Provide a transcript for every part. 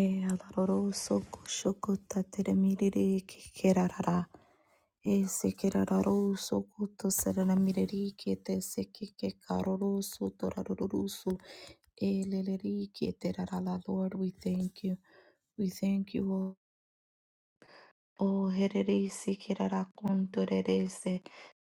E alaroro soko shoko tatere miriri ke kerarara. E se kerararo soko to serana miriri ke te seke ke karoro so toraroro so. E leleri ke te Lord, we thank you. We thank you, O Oh, hererese, kererakontorerese.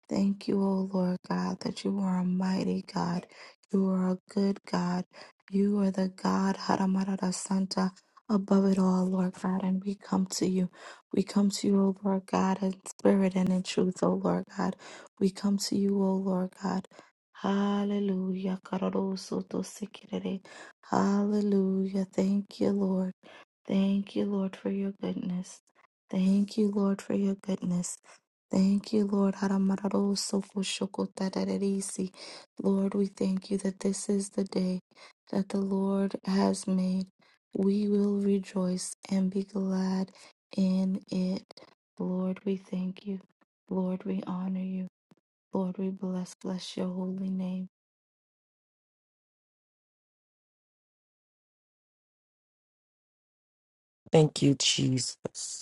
Thank you, O Lord God, that you are a mighty God. You are a good God. You are the God, Haramarada Santa, above it all, Lord God. And we come to you. We come to you, O Lord God, in spirit and in truth, O Lord God. We come to you, O Lord God. Hallelujah. Kararosotosekirere. Hallelujah. Thank you, Lord. Thank you, Lord, for your goodness. Thank you, Lord, for your goodness. Thank you, Lord. Haramararosokoshokotadadadisi. Lord, we thank you that this is the day that the Lord has made. We will rejoice and be glad in it. Lord, we thank you. Lord, we honor you. Lord, we bless, bless your holy name. Thank you, Jesus.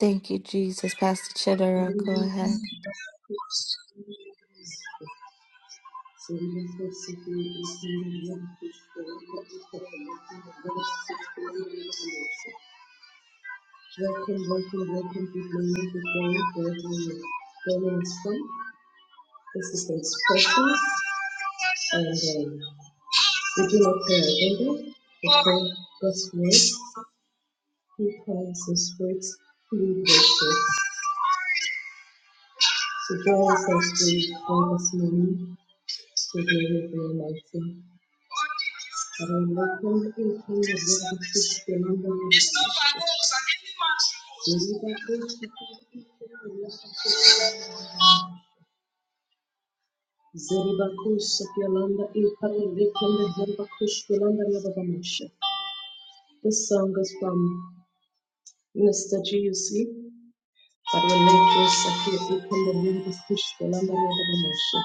Thank you, Jesus. Pastor Chidera, Welcome, go ahead. welcome, welcome, to Good morning, good morning. Joining us from this is the special, and um, we do not pray agenda. We pray God's word. He calls the spirits. Blue Vulture. So join us as we go this morning It's not by works that any man should boast. Zeribakush Yolanda Ipari Vikenda Zeribakush Yolanda Yabagamasha. This song is from Mr. GUC. Paroleko Sakia Ikenda Zeribakush Yolanda Yabagamasha.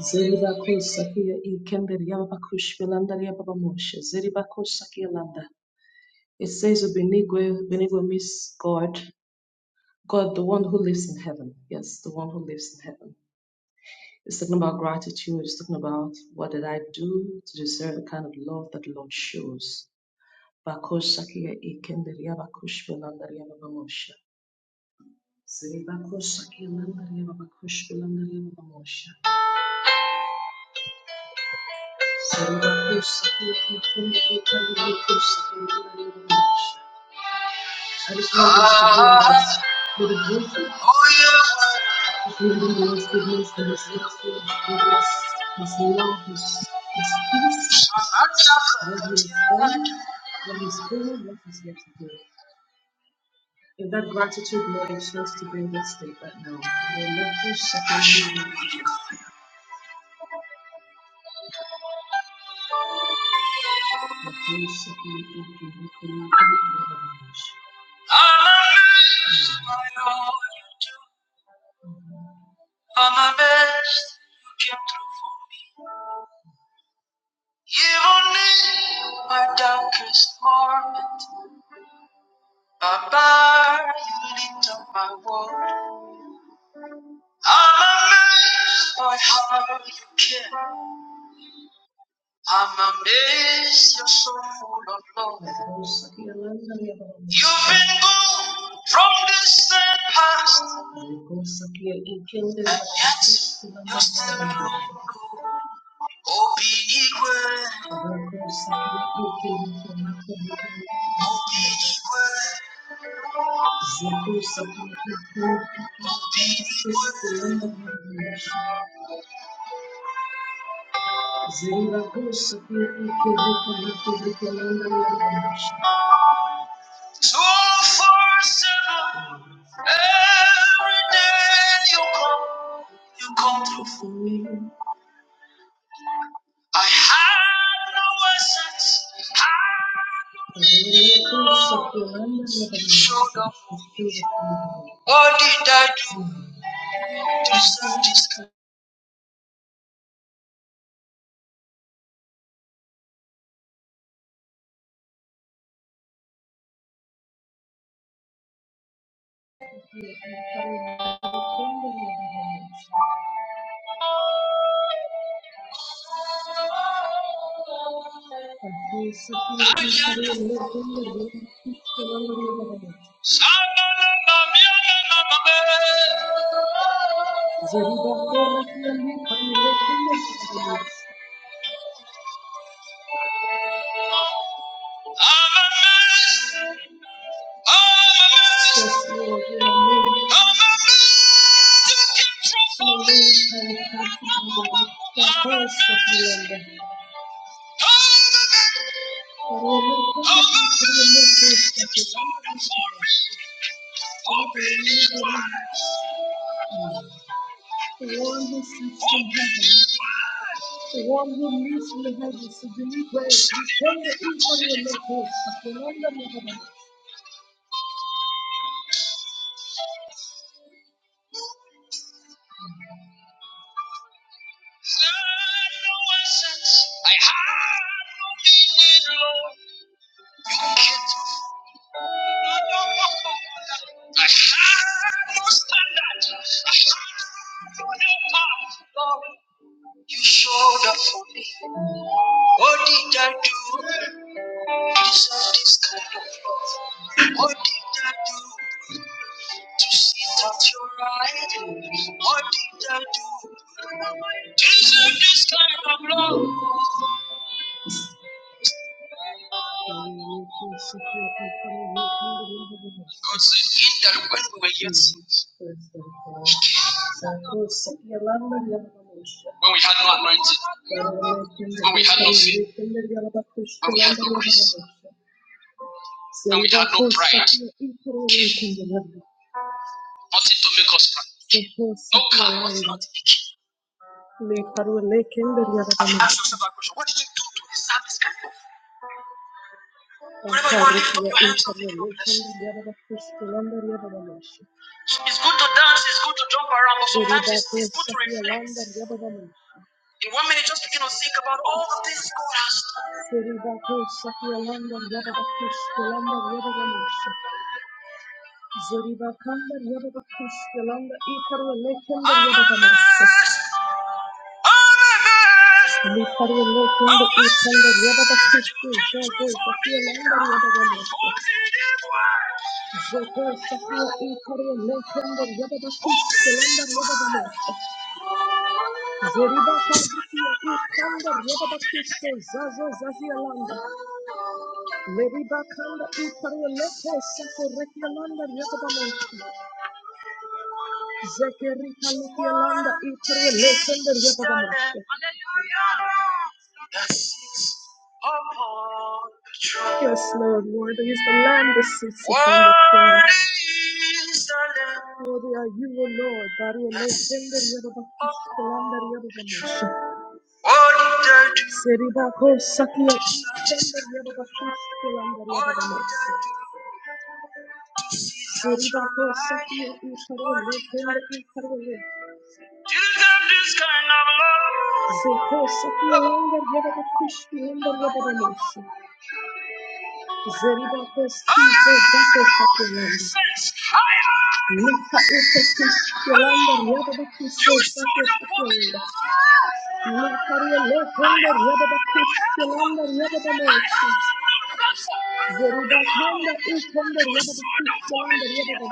Zeribakush Sakia Ikenda Yabakush Yolanda Yabagamasha. Zeribakush Sakia Landa. It says of Benigwe, Benigwe means God, God, the one who lives in heaven. Yes, the one who lives in heaven. It's talking about gratitude. It's talking about what did I do to deserve the kind of love that the Lord shows. Bakosh sakia ikenderia bakosh belandaria babamosha. Siri bakosh sakia landaria babakosh belandaria babamosha. Siri bakosh sakia ikenderia bakosh belandaria babamosha. I just want you to realize what a gift you are. If you realize the goodness and His love for you, His goodness, His love, His, His peace, what He has done, what He's doing, what He's yet to do. In that gratitude mode, it starts to bring that state right now. May love you second you in Jesus. May you second you in Jesus. May you second you in Jesus. All my best you came through for me. Even in my darkest moment, my bar you lit up my world. I'm amazed by how you care. I'm amazed you're so full of love. You've been good from this and past, and yet you're still good. Opinigwe, Opinigwe, Opinigwe, two four seven. Every day you come, you come through. for me. I had no assets, had no meaning, Lord. You Showed up for me. What did I do to deserve this? kind of love? I'm amazed. Yes, Lord, you're amazing. I'm amazed you kept your promise. That was the feeling. I'm amazed. I'm amazed. The one who sits in heaven, the one who lives in the heavens, the deliverer, the defender, even in the host, the commander of heaven. I have no meaning, Lord. You kept me. I have no standard. I have no helper, Lord. You showed up for me. What did I do? to Deserve this kind of love. What did I do? to see that you're right. What did I do? Deserve this kind of love. God said, in that when we were yet sinners, when we had no anointing, when we had no faith, when we had no grace, when we had no pride, nothing to make us proud. No car, nothing. He Le parole le kende riara da you ask yourself that question, what did you do to deserve this kind of love? Whenever you are Ankare lifting up kia your hands, inkare the le God bless kende It's good to dance, it's good to jump around, but sometimes it's, it's good to reflect. In one minute, just begin to think about all the things God has done. Serida ko shahia Zeriba kanda yababa kushkelanda ikarwa lekenda yababa masa. Likarwa lekenda ikanda yababa kushkelanda yababa masa. Zoko shakwa ikarwa lekenda yababa kushkelanda yababa masa. Zeriba kanda ikanda yababa kushkel zazo zazialanda. Leriba kanda ikarwa lekenda sakorekelanda yababa masa. Zekerika Lukialanda Ikre Lekender Yabadamashe. Yes, Lord, worthy is the Lamb that sits upon the throne. Worthy are you, O Lord, Baru Lekender Yabadamashe. Yabadamashe. Seribako Sakia Ikender Yabadamashe. Yabadamashe. Seribako Sakia Ikre Lekender Ikre you deserve this kind of love. Since I have you showed up for me.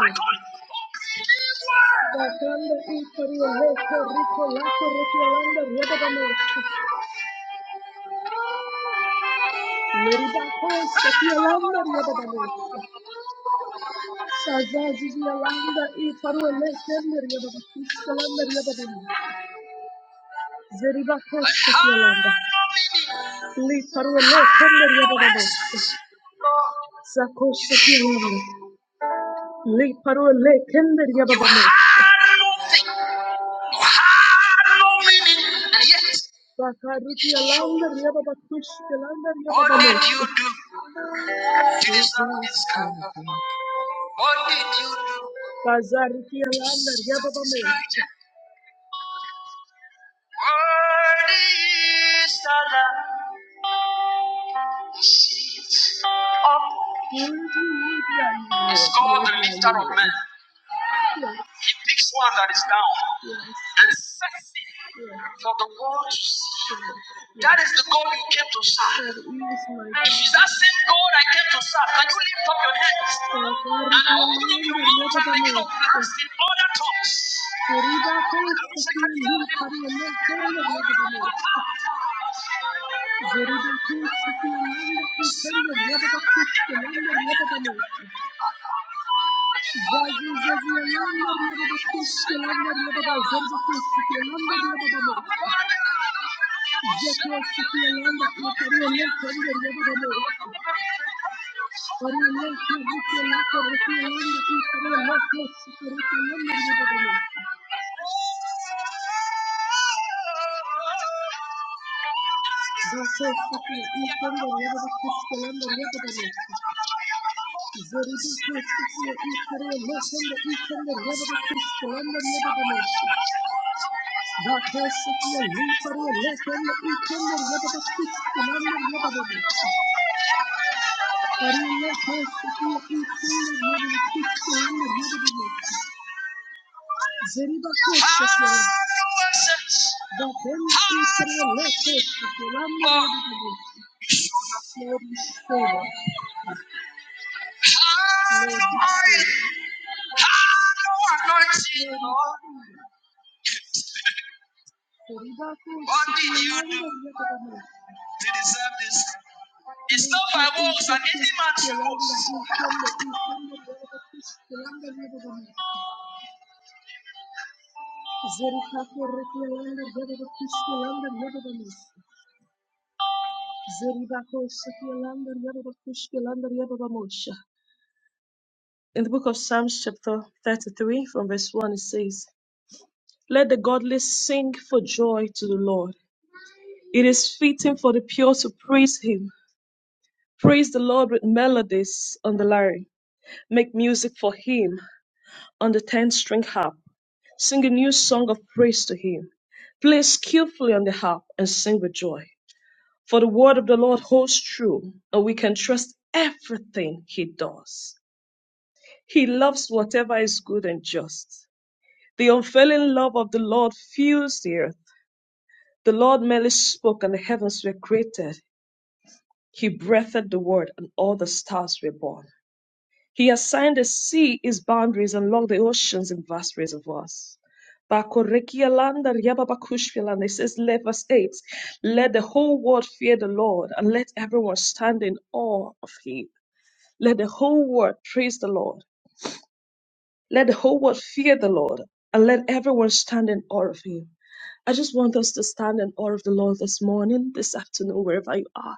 I have Bacanda y Coriolejo, Rico Laco, Requiolanda, Riedabamos. Meridaco, Sapiolanda, Riedabamos. Sazazi, Yolanda y Coriolejo, Riedabamos. Riedabamos. Zeribaco, Sapiolanda. Li Coriolejo, Riedabamos. Zaco, Sapiolanda. Le paro le kender ya You baba mo. had nothing. You had no meaning. And yet, Bakariti alander ya baba tush alander ya what baba me. What did you do to deserve this kind of love? What did you do? Bazariti alander ya baba Jesus mo. Christ. Worthy is the Lamb. Sit up. Worthy, worthy are called the lifter of men. He picks one that is down and sets it for the world to see. That is the God you came to serve. If it's that same God I came to serve, can you lift up your hands and open up your mouth and make to blast in other tongues? Gracias. Lord, we say, Lord, What did you do to deserve this? It's not by works that any man should In the book of Psalms, chapter 33, from verse 1, it says, Let the godly sing for joy to the Lord. It is fitting for the pure to praise him Praise the Lord with melodies on the lyre. Make music for him on the ten string harp. Sing a new song of praise to him. Play skillfully on the harp and sing with joy. For the word of the Lord holds true, and we can trust everything he does. He loves whatever is good and just. The unfailing love of the Lord fills the earth. The Lord merely spoke, and the heavens were created. He breathed the word, and all the stars were born. He assigned the sea its boundaries and locked the oceans in vast reservoirs. Bakorekialanda riababakushvilanda. It says, let verse 8, let the whole world fear the Lord and let everyone stand in awe of him. Let the whole world praise the Lord. Let the whole world fear the Lord and let everyone stand in awe of him. I just want us to stand in awe of the Lord this morning, this afternoon, wherever you are.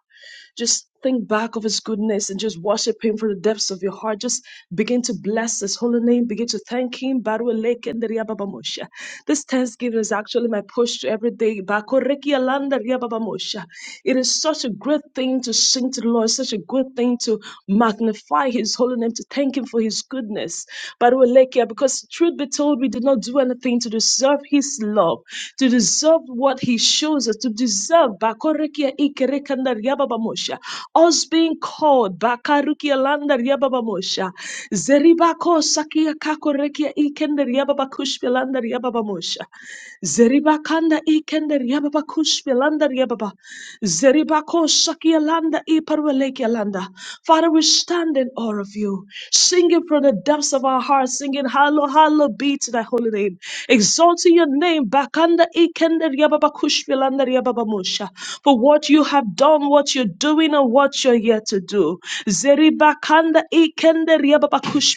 Just think back of His goodness and just worship Him from the depths of your heart. Just begin to bless His holy name. Begin to thank Him. Barua leke nderia baba mosha. This Thanksgiving is actually my push to every day. Bako reki alanda ria baba mosha. It is such a great thing to sing to the Lord, such a good thing to magnify His holy name, to thank Him for His goodness. Barua leke, Because truth be told, we did not do anything to deserve deserve his love, to deserve what he uses, to deserve. Bakore Bakorekerekandariababamosha. Also, Baruki riaba bamosha. kia kakorekia ikender yababa kushpelander yababa mosha. Zeriba kanda ikender yababa kushpelander yababa. Zeriba koshakia landa iparwelekia landa. Father, we stand in awe of you, singing from the depths of our hearts, singing hallow, hallow be to thy holy name, exalting your name bakanda ikender yababa kushpelander yababa mosha. For what you have done, what you're doing, and what you're yet to do. Zeriba kanda ikender yababa we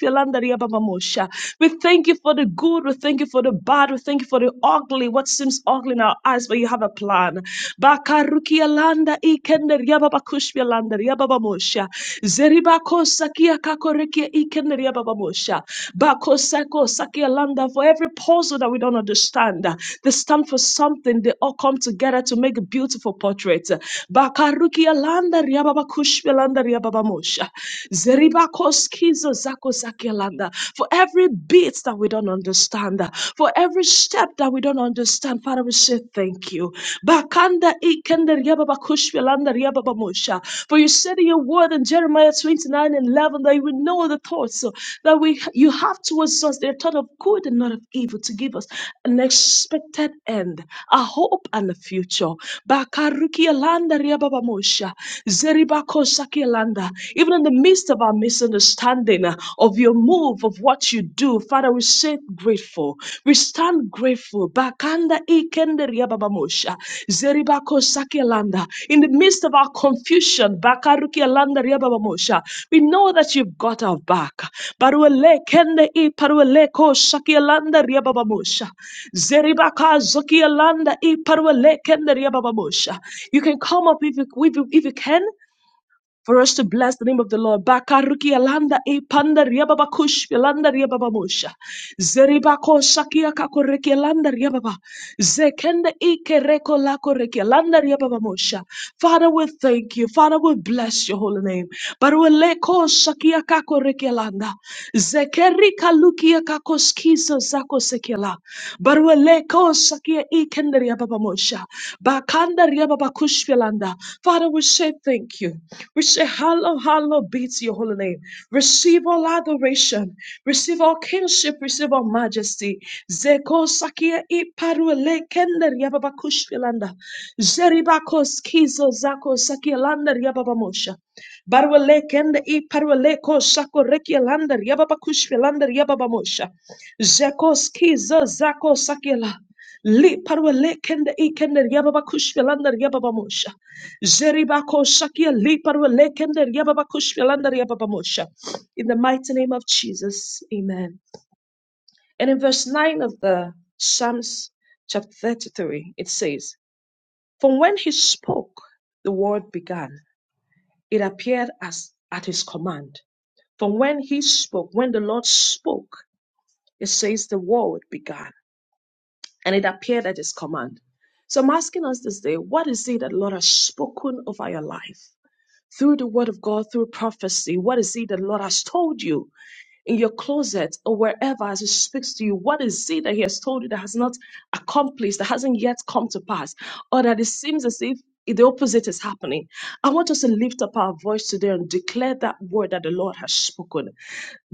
thank you for the good. We thank you for the bad. We thank you for the ugly. What seems ugly in our eyes, but you have a plan. Bakarukia landa ikender yababa kushbia landa yababa mosha. Zeriba kosakia kakorekia ikender yababa mosha. Bakosako sakia landa. For every puzzle that we don't understand, they stand for something. They all come together to make a beautiful portrait. Bakarukia landa yababa kushbia landa yababa mosha. Ribakoskizo zakozakelanda. For every bit that we don't understand, for every step that we don't understand, Father, we say thank you. Bakanda ikende riababakushvilanda riababamusha. For you said in your word in Jeremiah 29 and 11 that you would know the thoughts so that we you have towards us. They're thought of good and not of evil to give us an expected end, a hope and a future. Bakarukialanda riababamusha. Zeribako understand, uh, even in the midst of our misunderstanding uh, of your move, of what you do, Father, we sit grateful. We stand grateful. Bakanda ikende riababamosha, zeribako sakelanda. In the midst of our confusion, bakaruki alanda riababamosha, we know that you've got our back. Baruele kende i paruele ko sakelanda riababamosha, zeribaka zokielanda i paruele kende riababamosha. You can come up if you, if you, if you can for us to bless the name of the Lord. Bakaruki alanda e panda riababa kush alanda riababa mosha. Zeriba shakia kakoreki alanda riababa. Zekenda e kereko lako alanda riababa mosha. Father, we thank you. Father, we bless your holy name. Barweleko shakia kakoreki alanda. Zekerika lukia kiso zako sekela. Barueleko sakia ikenderia baba mosha. Bakandaria baba kushpilanda. Father, we say thank you. We say hallow, hallow be to your holy name. Receive all adoration. Receive all kingship. Receive all majesty. Zeko sakia iparuelekenderia baba kushpilanda. Zeribakos kiso zako sakia landaria baba mosha. Barwalek and I parwaleko shako reki yababa kushvi lander yababa mosha. Jekoskiza zako sakela. Li parwele kende i kende yababa kushvelandar yababa mosha. Jeribako shakia li parwele kende yababa kushvelandar yababa mosha. In the mighty name of Jesus, amen. And in verse 9 of the Psalms chapter 33, it says, From when he spoke, the word began. It appeared as at his command. From when he spoke, when the Lord spoke, it says the word began. and it appeared at his command. So I'm asking us this day, what is it that the Lord has spoken over your life? Through the word of God, through prophecy, what is it that the Lord has told you in your closet or wherever as He speaks to you? What is it that He has told you that has not accomplished, that hasn't yet come to pass, or that it seems as if the opposite is happening? I want us to lift up our voice today and declare that word that the Lord has spoken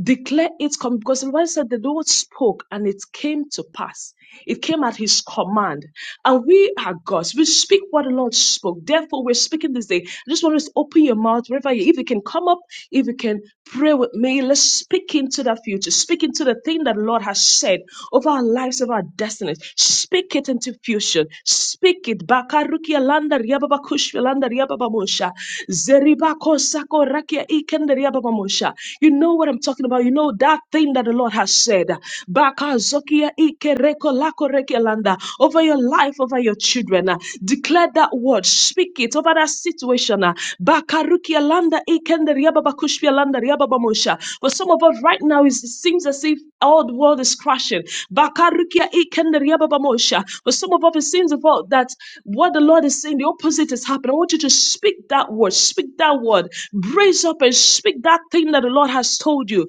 declare it come because the Bible said that the Lord spoke and it came to pass. It came at his command. And we are God's. We speak what the Lord spoke. Therefore, we're speaking this day. I just want us to open your mouth wherever you if you can come up, if you can pray with me, let's speak into that future. Speak into the thing that the Lord has said over our lives, over our destinies. Speak it into fusion. Speak it. Bakarukia landa riababa kushvi landa riababa mosha. Zeriba kosako rakia ikenda riababa mosha. You know what I'm talking about. You know that thing that the Lord has said. Bakazokia ike reko lako rekelanda. Over your life, over your children. uh, Declare that word. Speak it over that situation. uh, Bakarukia landa ikende riaba bakushpia landa riaba bamosha. For some of us right now, it seems as if all the world is crashing. Bakarukia ikende riaba bamosha. For some of us, it seems about that what the Lord is saying, the opposite is happening. I want you to speak that word. Speak that word. Brace up and speak that thing that the Lord has told you.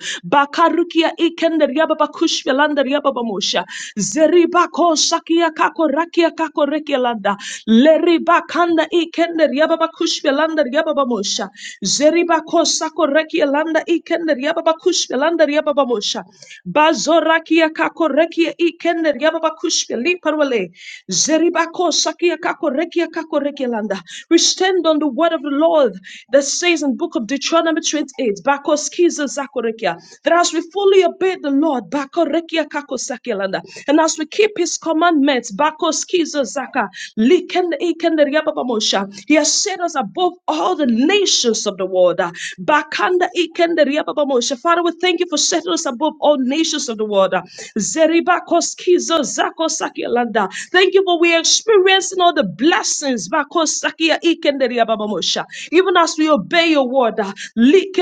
Barukia ikender yababa kushvelanda yababa mosha. Zeriba ko shakia kako rakia kako rekelanda. Leriba kanda ikender yababa kushvelanda yababa mosha. Zeriba ko sako rekielanda ikender yababa kushvelanda yababa mosha. Bazorakia kako rekia ikender yababa kushveli parwale. Zeriba ko shakia kako rekia kako rekelanda. We stand on the word of the Lord that says in book of Deuteronomy 28, Bakos skiza zakorekia. That as we fully obey the Lord, bakorekia kakosakelanda, and as we keep His commandments, bakoskiza zaka, likende ikende riababamosha, He has set us above all the nations of the world. uh, bakanda ikende riababamosha. Father, we thank you for setting us above all nations of the world. uh, zako zakosakelanda. Thank you for we are experiencing all the blessings, bakosakia ikende riababamosha, even as we obey your word word. ah. Like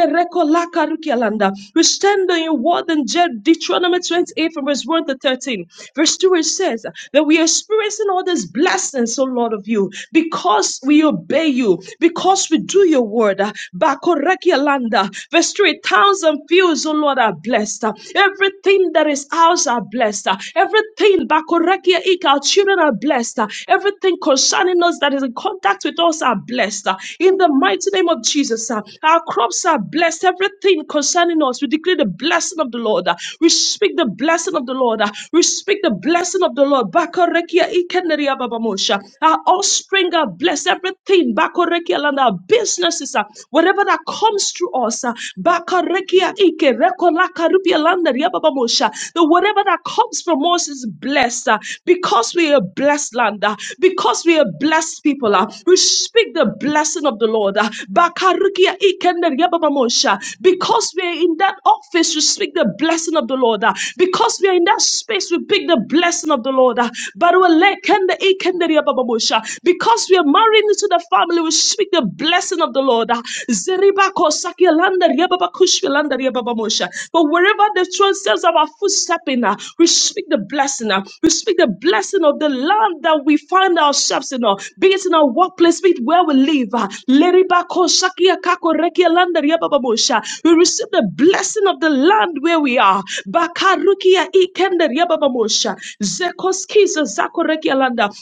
We stand on your word in Deuteronomy 28 from verse 1 to 13. Verse 2 it says that we are experiencing all these blessings, O Lord of you, because we obey you, because we do your word. ah. Bako Verse 3 Towns and fields, O Lord, are blessed. ah. Everything that is ours are blessed. ah. Everything, bako rekia our children are blessed. ah. Everything concerning us that is in contact with us are blessed. In the mighty name of Jesus, uh, our crops are blessed. Everything concerning us, we declare the blessing of the Lord. uh, We speak the blessing of the Lord. uh, We speak the blessing of the Lord. Bakarekia ikeneria babamosha. Our offspring are blessed. Everything, Bakarekia land, our businesses, uh, whatever that comes through us, uh, Bakarekia ike rekolakarupi landaria babamosha. The whatever that comes from us is blessed uh, because we are a blessed land, uh, because we are blessed people people. uh, We speak the blessing of the Lord. uh, Bakarukia ikende yababamosha. Because we are in that office, we speak the blessing of the Lord. uh, Because we are in that space, we speak the blessing of the Lord. uh, Baruelekende ikende yababamosha. Because we are married into the family, we speak the blessing of the Lord. uh, Zeribako sakielanda yababakushkielanda yababamosha. But wherever the transcends of our footstep in, uh, we speak the blessing. uh, We speak the blessing of the land that we we find ourselves in, uh, be it in our workplace, be it where we live. uh, We receive the blessing of the land where we are.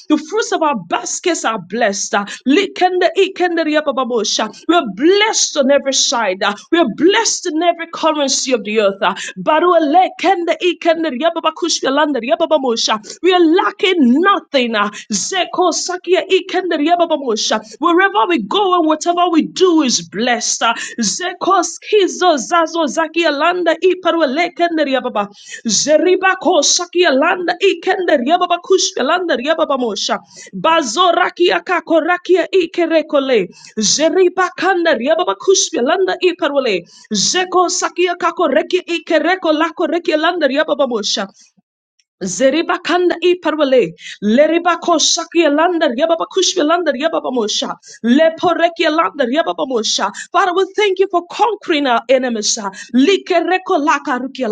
The fruits of our baskets are blessed. uh, We're blessed on every side. uh, We're blessed in every currency of the earth. uh, Baruele we are lacking nothing. uh, Zeko Sakia Ikenderia Babamosha. Wherever we go and whatever we do is blessed. uh, Zeko Skizo Zazo Zakia Landa Iparwele Kenderia Baba. Zeriba Ko Sakia Landa Ikenderia Baba Kushka Landa Ria Bazo Rakia Kako Rakia Ikerekole. Zeriba Kandaria Baba Kushka Landa Iparwele. Zeko Sakia Kako Reki Ikereko Lako Reki Landa Ria Zeriba kanda iparwale. Leriba ko shaki alander yababa kushvi alander yababa mosha. Leporeki alander yababa mosha. Father, we thank you for conquering our enemies. ah. Likereko laka ruki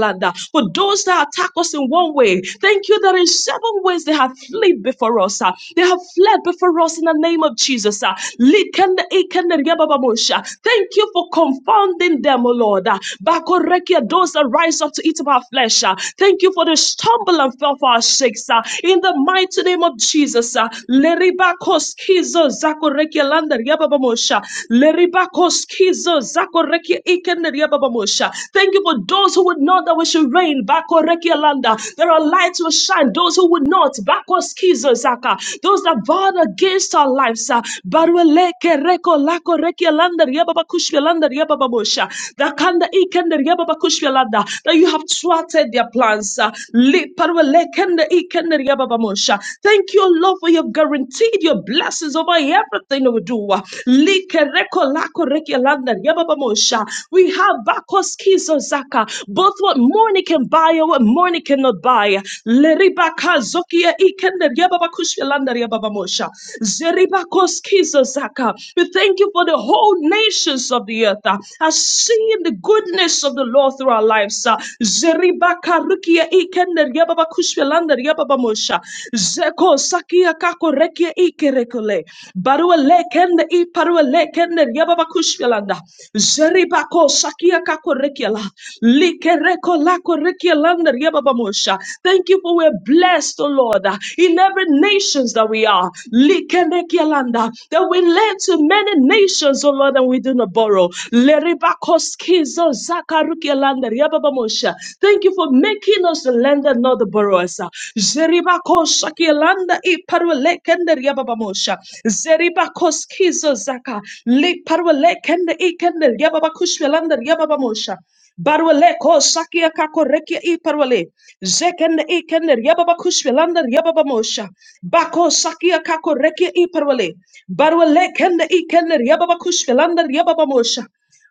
For those that attack us in one way, thank you that in seven ways they have fled before us. ah. They have fled before us in the name of Jesus. ah. Likende ikende yababa mosha. Thank you for confounding them, O Lord. ah. Bakorekia, Those that rise up to eat of our flesh. ah. Thank Thank you for the stumble and fell for our sakes. ah. in the mighty name of Jesus. ah. Leribakos kizo zakoreke landa riababamosha. Leribakos kizo zakoreke ikene riababamosha. Thank you for those who would know that we should reign. Bakoreke landa. There are lights will shine. Those who would not. Bakos kizo zaka. Those that vowed against our lives. ah. Barueleke reko lako reke landa riababa kushwe landa riababamosha. That kanda ikende riababa landa. That you have have thwarted their plans. uh, Liparwelekende ikende riababamosha. Thank you, Lord, for you have guaranteed your blessings over everything we do. uh, Likerekolakorekialanda riababamosha. We have Bakos Kizo Zaka. both what money can buy and what money cannot buy. Leribaka Zokia Ikender Yababakushilanda Yababamosha. Zeribakos Kizo Zaka. We thank you for the whole nations of the earth uh, are seeing the goodness of the Lord. Lord, through our lives. uh, Zeribaka rukia ikende riababa kushvelanda riababa mosha. Zeko sakia kako rekia ikerekule. Barua lekende i parua lekende riababa kushvelanda. Zeribako sakia kako rekia la. Likereko lako rekia landa riababa mosha. Thank you for we're blessed, O Lord, uh, in every nations that we are. Likerekia landa. That we lend to many nations, O Lord, and we do not borrow. Leribako Kizo zakaruke landa riababamosha. Thank you for making us the lender, not the borrowers. Zeribakosha kielanda iparulekende riababamosha. Zeribako kizo zaka liparulekende ikende riababakushvelanda riababamosha. Barwaleko sakia kako rekia i parwale. Zekende i kende riababa kushvelanda riababa mosha. Bako sakia kako rekia i parwale. Barwale kende i kender riababa kushvelanda riababa mosha.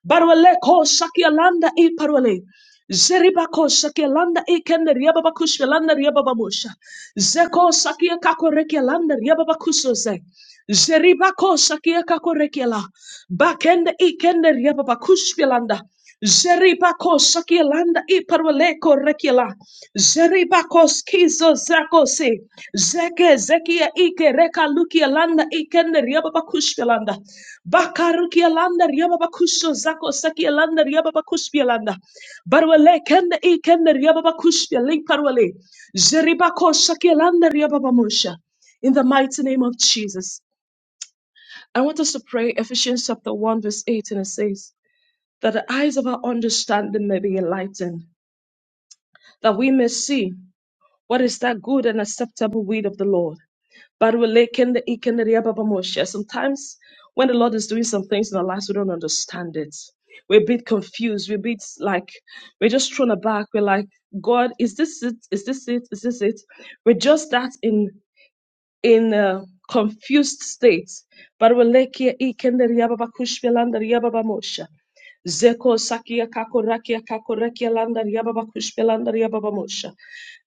Barwale ko sakialanda e parwale. Zeriba ko sakialanda e kende riababa kushvelanda riababa Zeko sakia kako rekialanda riababa kusoze. sakia kako rekiala. Bakende e kende riababa kushvelanda. Zeriba ko sakialanda e parwale ko rekiala. Zeriba skizo zako se. Zeke zekia ike reka lukialanda e kende riababa kushvelanda. Bakarukialanda Riababakusho Zako Sakialanda Riababakushpialanda Barwale Kenda E Kenda Riababakushpia Link Parwale Jeribako Shakialanda Riababamusha. In the mighty name of Jesus. I want us to pray Ephesians chapter 1, verse 8, and it says, That the eyes of our understanding may be enlightened, that we may see what is that good and acceptable will of the Lord Barulekende ikende riababamosha. Sometimes when the Lord is doing some things in our lives, we don't understand it. We're a bit confused. We're a bit like we're just thrown aback. We're like, God, is this it? Is this it? Is this it? We're just that in in a confused state. Baruleke ikende riababakushpelanda riababamosha. Zeko sakia kako rakia kako rakia landa riababa kushpelanda riababa mosha.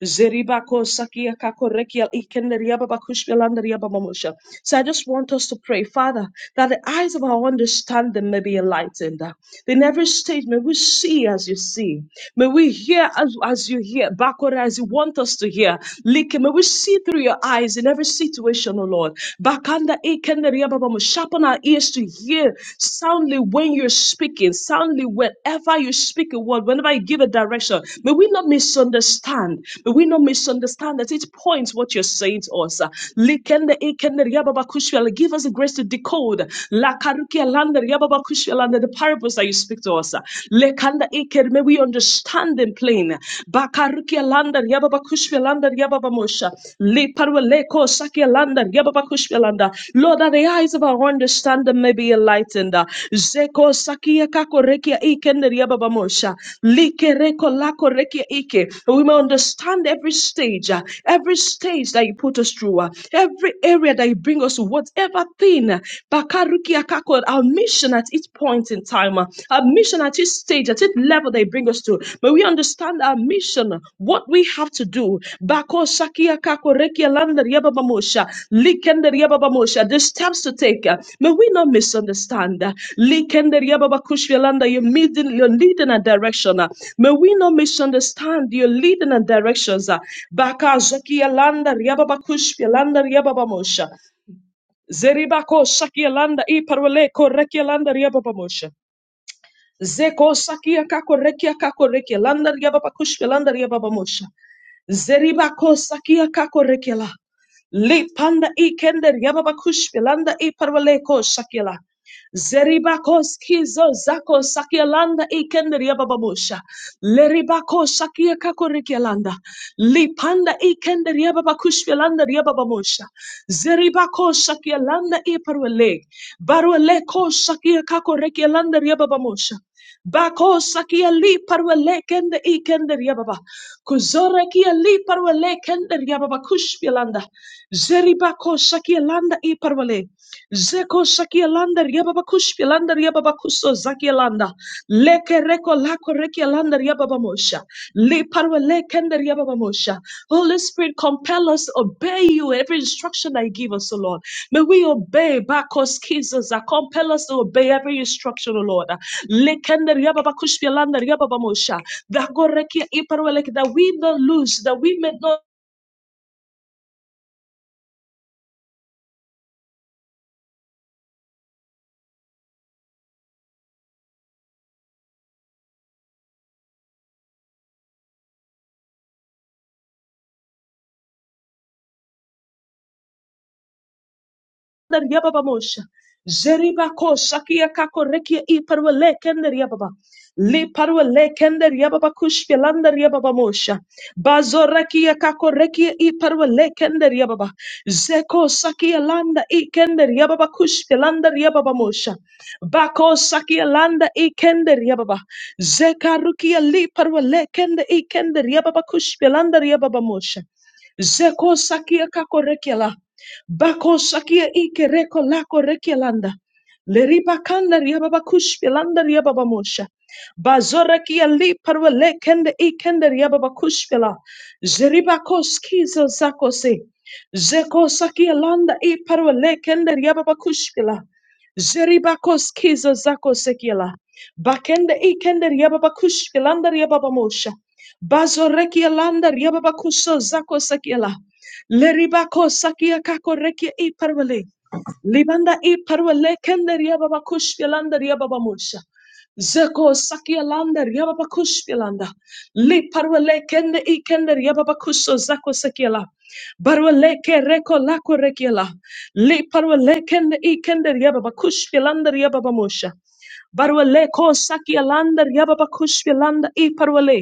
Zeribako sakia kakorekia ikenderia babakushia babamosha. So I just want us to pray, Father, that the eyes of our understanding may be enlightened. In every stage, may we see as you see. May we hear as, as you hear, backward as you want us to hear. Like, may we see through your eyes in every situation, O Lord. Bakanda ikenderia babamo. Sharpen our ears to hear soundly soundly when you're speaking, soundly whenever you speak a word, whenever you give a direction. May we not misunderstand. May we not misunderstand at each point what you're saying to us. Likende ikende riababa kushwele. Give us the grace to decode Lakarukia landa riababa kushwele, the parables that you speak to us. Lekanda iker. May we understand them plain. Bakarukia landa riababa kushwele, landa riababa mosha. Liparwaleko sakialanda gebabakushpelanda. Lord, that the eyes of our understanding may be enlightened. Zeko sakia kako rekia ikende riababamosha. Like reko lako rekia ike. We may understand every stage, uh, every stage that you put us through, uh, every area that you bring us to, whatever thing. uh, Bakarukia kako, our mission at each point in time, uh, our mission at each stage, at each level they bring us to. May we understand our mission, what we have to do. Bako Shakia Kako Rekia Landa Riaba Bamosha, Likenda Riaba Bamosha, the steps to take. May we not misunderstand. Likenda Riaba Bakushia Landa, you're leading, you're leading a direction. May we not misunderstand your leading and directions. Baka Shakia Landa Riaba Bakushia Landa Riaba Bamosha. Zeribako Shakia Landa Iparwale Korekia Landa Riaba Bamosha. Zeko sakia kakorekia kakorekia landaria baba kushka landaria baba mosha. Zeribako sakia kakorekela. Le panda i kender yababa kushka landa i parvaleko shakila. Zeribakos kizo zako sakia landa sakialanda ikender yabababosha. Leribako sakia kakorikialanda. Lipanda ikender yababakushvialanda yabababosha. Zeribako sakialanda iparwele. Barweleko sakia kakorekia landa kakorikialanda yababamosha. Bako sakia li parwa lekende ikende riababa. Kuzora kia li parwa lekende riababa kushpilanda. Zeri bako sakia landa i parwale. Zeko shakialanda riababakushpialanda riababakuso zakialanda. Leke reko lako rekialanda riababamosha. Liparwe lekende riababamosha. Holy Spirit, compel us to obey you in every instruction that you give us, O Lord. May we obey Bakos Kizos that compel us to obey every instruction, O Lord. Lekende riababakushpialanda riababamosha. That go rekia iparwe leke- That we do not lose, that we may not Yababamosha. Zeribako Sakia Kako Rekia Iparwale Kender Yababa. Li Parwale Kender Yababa Kushpelander Yababa Mosha. Bazorakia Kako Rekia Iparwale Kender Yababa. Zeko Sakia Landa Ikender Yababa Kushpelander Yababa Mosha. Bako Sakia Landa Ikender Yababa. Zekarukia Li Parwale Kender Ikender Yababa Kushpelander Yababa Mosha. Zeko sakia kako rekela. Bako sakia ike reko lako rekelanda. Leriba kanda riababa kushpilanda riababa mosha. Bazora kia li parwa le kende i kende riababa kushpila. Zeriba koskizo zakosi. Zeko sakia landa i parwa le kende riababa kushpila. Zeriba koskizo zakosekila. Bakende i kende riababa kushpilanda riababa mosha. Bazorekia landa riababa kuso zakosekila. Leribako sakia kako rekia i parvale. Libanda i parvale kende riaba bakush yalanda riaba bamusha. Zeko sakia landa riaba bakush yalanda. Li parvale kende i kende riaba bakusho zako sakia la. Barvale ke reko lako rekia la. Li parvale kende i kende riaba bakush yalanda riaba bamusha. Barvale ko sakia landa riaba bakush yalanda i parvale.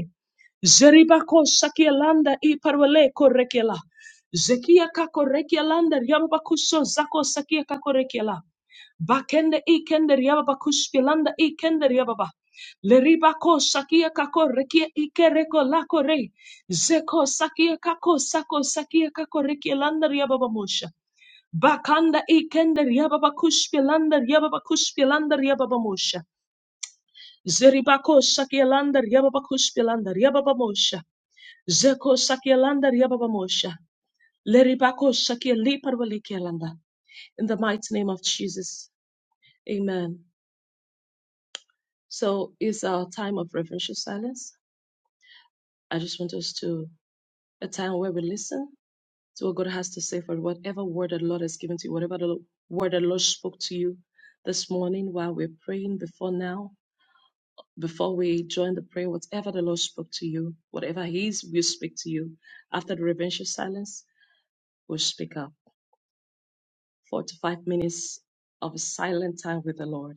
Zeribako sakia landa i parvale ko rekia la. Zekia kakorekia landa riabakuso zako sakia kakorekia la. Bakende ikende riabakus pilanda ikende riababa. Leribako sakia kako rekia ikereko lako rei. Zeko sakia kako sako sakia kako rekia landa riababa mosha. Bakanda ikende riababa kuspilanda riababa kuspilanda riababa mosha. Zeribako sakia landa riababa kuspilanda riababa mosha. Zeko sakia landa riababa mosha. Leribako shakia liparwalikia landa. In the mighty name of Jesus. Amen. So it's our time of reverential silence. I just want us to a time where we listen to what God has to say for whatever word the Lord has given to you, whatever the word the Lord spoke to you this morning while we're praying before now, before we join the prayer, whatever the Lord spoke to you, whatever He is, will speak to you. After the reverential silence, we'll speak up. Four to five minutes of silent time with the Lord.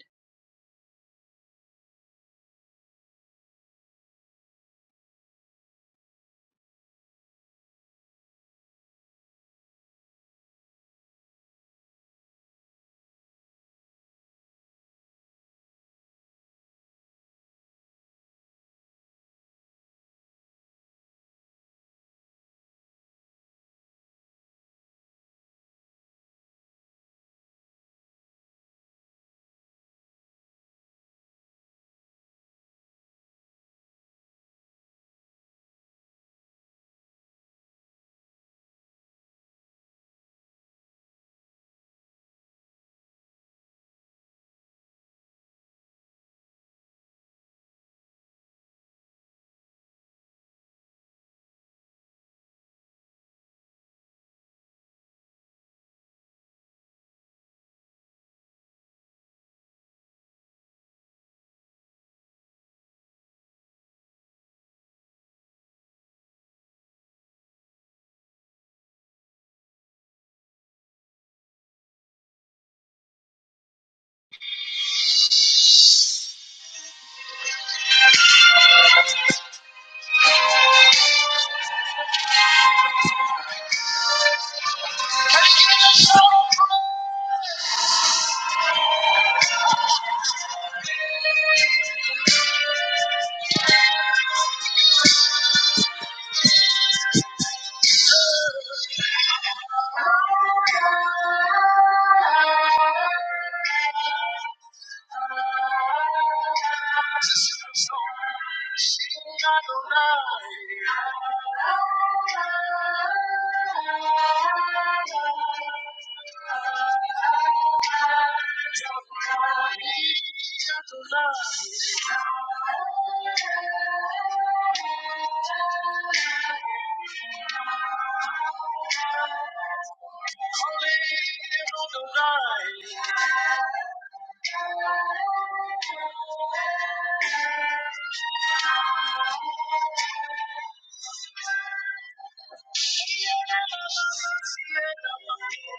Thank you. Thank you.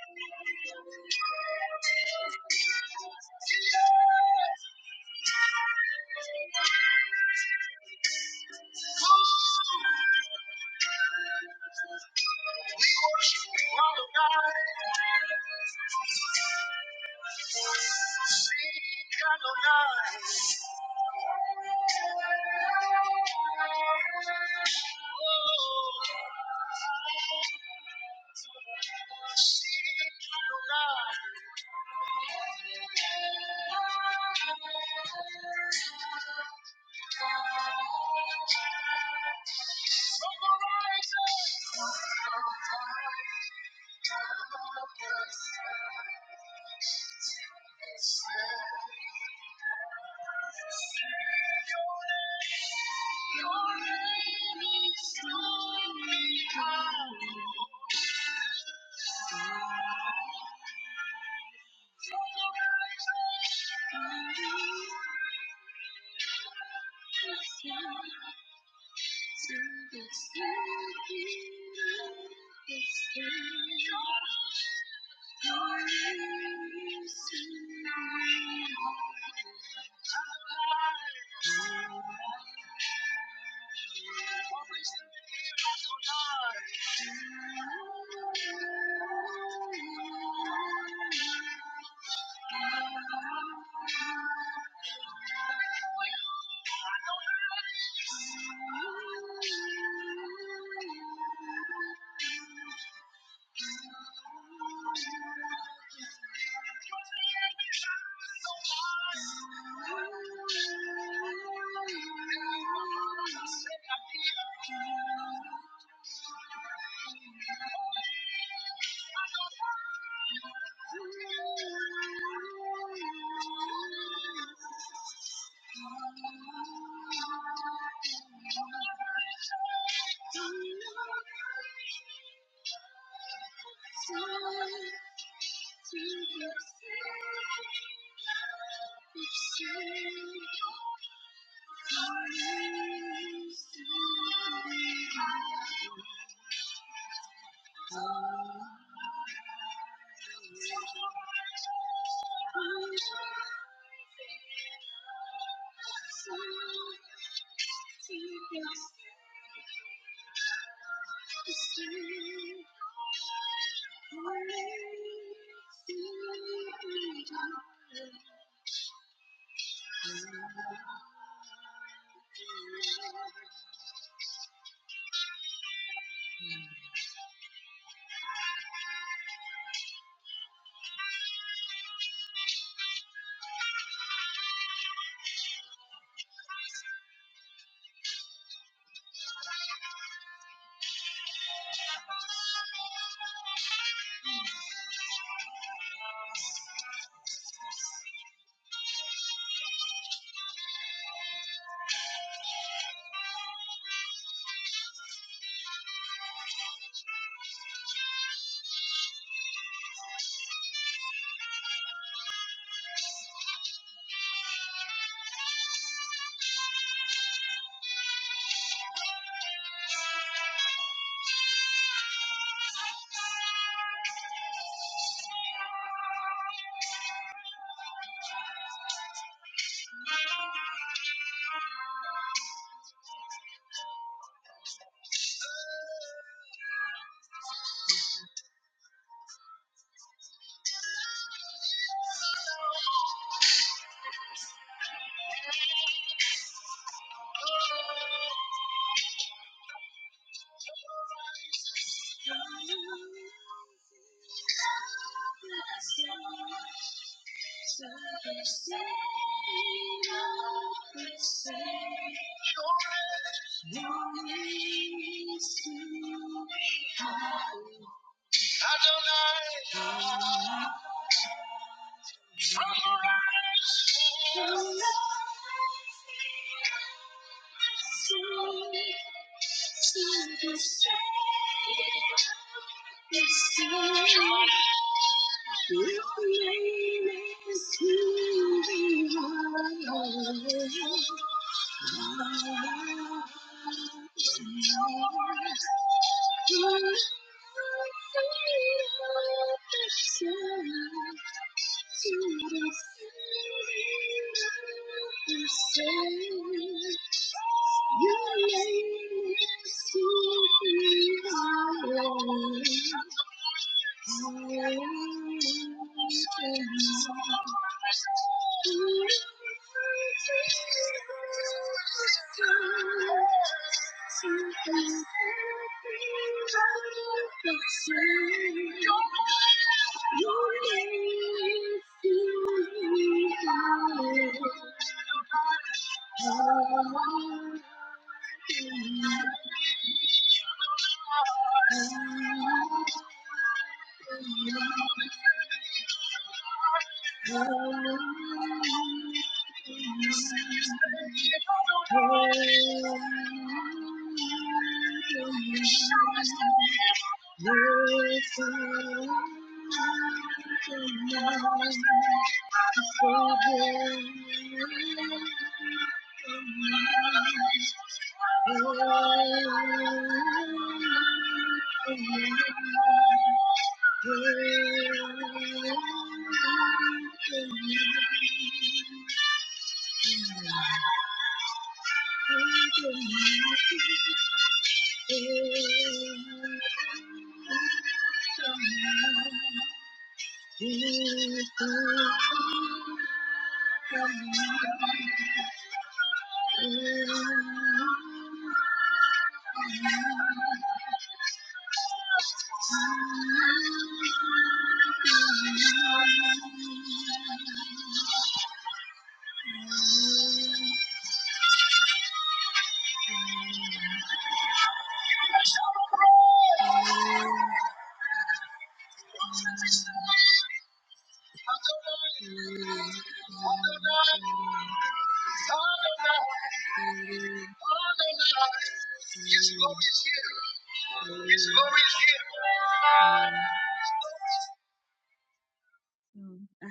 Adonai, Um, I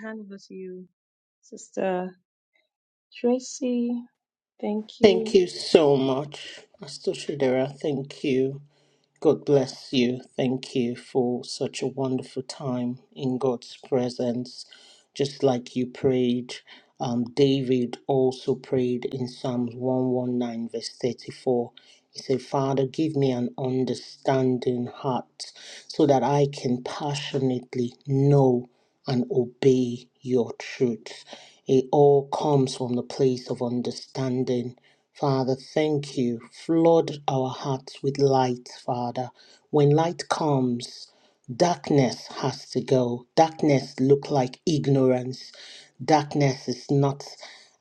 hand over to you, Sister Tracy. Thank Thank you. you so much, Pastor Shadera. Thank you. God bless you. Thank you for such a wonderful time in God's presence. Just like you prayed, um, David also prayed in Psalms 119, verse 34. He said, Father, give me an understanding heart so that I can passionately know and obey your truth. It all comes from the place of understanding Father, thank you. Flood our hearts with light, Father. When light comes, darkness has to go. Darkness look like ignorance. Darkness is not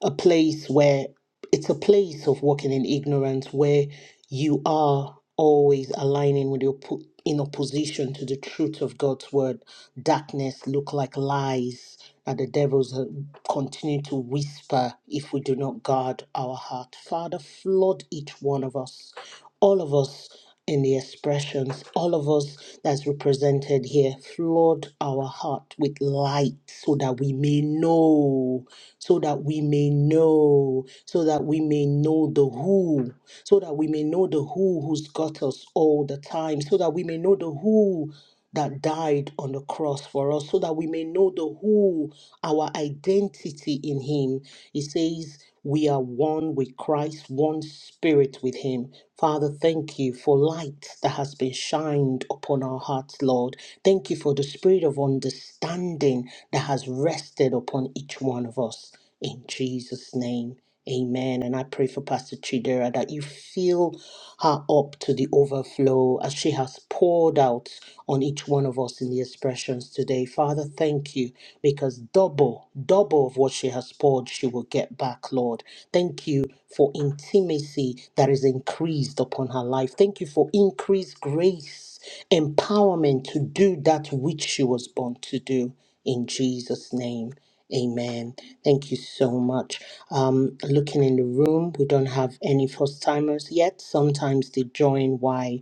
a place where it's a place of walking in ignorance where you are always aligning with your po- in opposition to the truth of God's word darkness look like lies and the devils uh, continue to whisper if we do not guard our heart. Father, flood each one of us, all of us in the expressions, all of us that's represented here, flood our heart with light so that we may know, so that we may know, so that we may know the who, so that we may know the who who's got us all the time, so that we may know the who that died on the cross for us so that we may know the who, our identity in Him. He says, We are one with Christ, one spirit with Him. Father, thank you for light that has been shined upon our hearts, Lord. Thank you for the spirit of understanding that has rested upon each one of us. In Jesus' name, Amen. And I pray for Pastor Chidera that you fill her up to the overflow as she has poured out on each one of us in the expressions today. Father, thank you because double, double of what she has poured, she will get back, Lord. Thank you for intimacy that is increased upon her life. Thank you for increased grace, empowerment to do that which she was born to do. In Jesus' name. Amen. Thank you so much. Um, looking in the room, we don't have any first timers yet. Sometimes they join while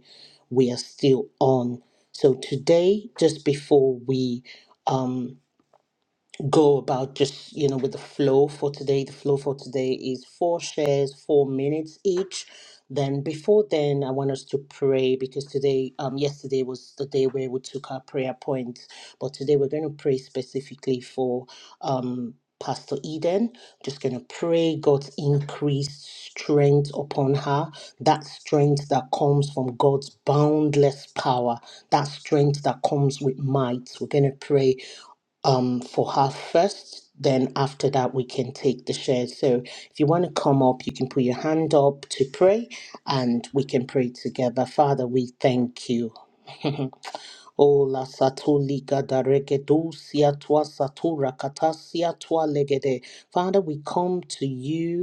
we are still on. So today, just before we um go about just you know with the flow for today the flow for today is four shares four minutes each then before then i want us to pray because today um yesterday was the day where we took our prayer points but today we're going to pray specifically for um pastor eden just going to pray god's increased strength upon her that strength that comes from god's boundless power that strength that comes with might we're going to pray um, for her first. Then after that, we can take the shares. So if you want to come up, you can put your hand up to pray and we can pray together. Father, we thank you. Oh, la satuli gadarege dusia tua satura katasia tua legede. Father, we come to you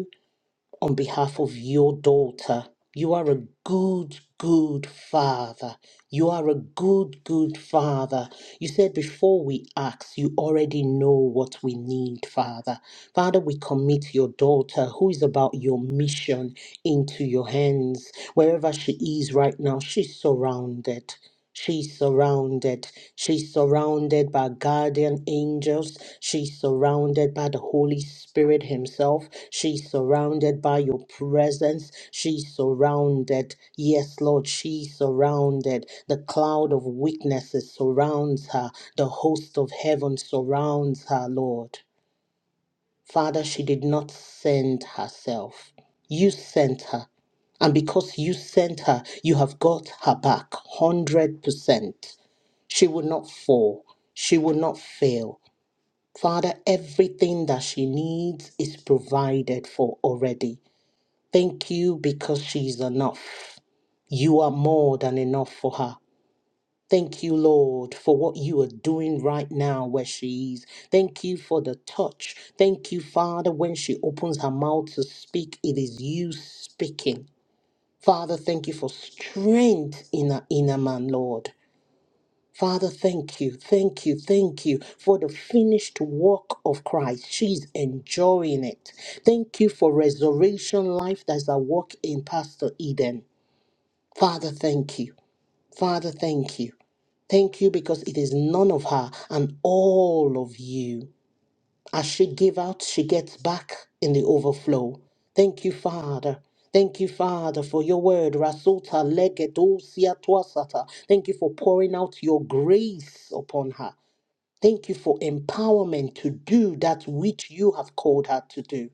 on behalf of your daughter. You are a good, good father. You are a good, good father. You said before we ask, you already know what we need, Father. Father, we commit your daughter, who is about your mission, into your hands. Wherever she is right now, she's surrounded. She's surrounded. She's surrounded by guardian angels. She's surrounded by the Holy Spirit Himself. She's surrounded by your presence. She's surrounded. Yes, Lord, she's surrounded. The cloud of witnesses surrounds her. The host of heaven surrounds her, Lord. Father, she did not send herself. You sent her. And because you sent her, you have got her back 100%. She will not fall. She will not fail. Father, everything that she needs is provided for already. Thank you because she's enough. You are more than enough for her. Thank you, Lord, for what you are doing right now where she is. Thank you for the touch. Thank you, Father, when she opens her mouth to speak, it is you speaking. Father, thank you for strength in her inner man, Lord. Father, thank you, thank you, thank you for the finished work of Christ. She's enjoying it. Thank you for resurrection life that's a work in Pastor Eden. Father, thank you. Father, thank you. Thank you because it is none of her and all of you. As she give out, she gets back in the overflow. Thank you, Father. Thank you, Father, for your word. Rasota legedosia tuasata. Thank you for pouring out your grace upon her. Thank you for empowerment to do that which you have called her to do.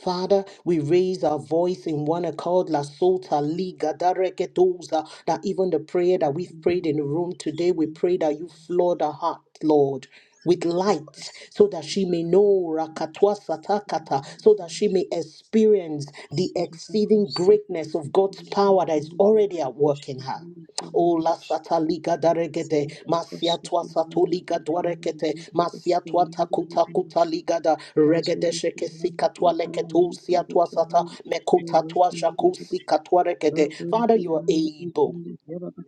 Father, we raise our voice in one accord, La Sota Liga Daregedosa, that even the prayer that we've prayed in the room today, we pray that you flood our heart, Lord, with light, so that she may know Rakatwa Satakata, so that she may experience the Sariba exceeding Hosh, greatness of God's power that is already at work in her. Ola sataliga daregede, masia tua satoliga duarekete, masia tua takuta kuta ligada, regede sheke Lamba, sika tua Imparo, leketu Lake, sia and tua sata, mekuta tua shaku sika tua regede. Father, you are able.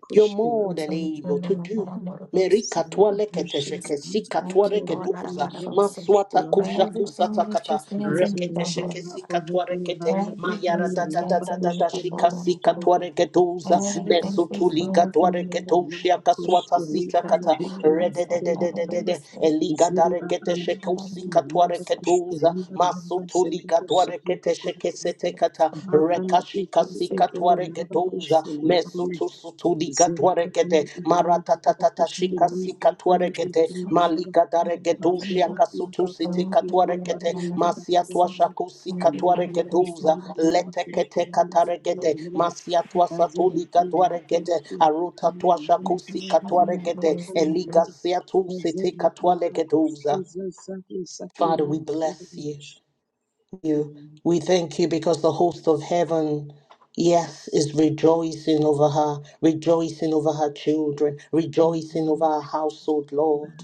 You're more Thank than able to do. Merika tualekete sheke sika you, tuareke Lord. duza the Haramararosokoshokotadadadisi. Thank you, Yellow Lord. Push, maswata kusha Columbia, Everything kusata that she kata stands in need rekete Mazoriki of, sheke sika Raboriki tuarekete Lamba everything mayara Ikele da she da da Yamba stands da in da need da of, Kushili O shika Lord sika God. Itrole tuareke duza Everything she Zitoriki mesutulika Lamba stands in need tuareke Ikele of, tushia Yamba kaswata Kushili she sita has a kata full Parabikele rede de of de Ikele de all de the de Yamba de things that eliga da Ziri rekete Bakana I sheke love Ikele usika and Yamba tuareke so Kushili duza Lamba Yamba masutulika Seriko Sakrika tuarekete sheke sete kata Bakanda Kashika I'm ikili sick sika intende of twaregedoza narabakushili hamwe mesutu sutudika zereka kandi twaregede ikili maratatatata shika narabakushili sika ifani twaregede ikili naraba malika bazo daregedushia kasutu nakiga sitika kwalikia twaregede ifani nakari masia kolani twashaku sika nilipanda twaregedoza ikili letekete narabakushili ikili kataregede naraba masia kazo twasatulika raki twaregede nakwalikia aruta kama twashaku sika narabakushili the twaregede voice. ifani elika naraba sia tu kazo sitika nakiga kwa twaregedoza skizo zaki zaki Father, we landa bless you yabanish you. We thank you because the host of heaven, yes, is rejoicing over her, rejoicing over her children, rejoicing over her household, Lord.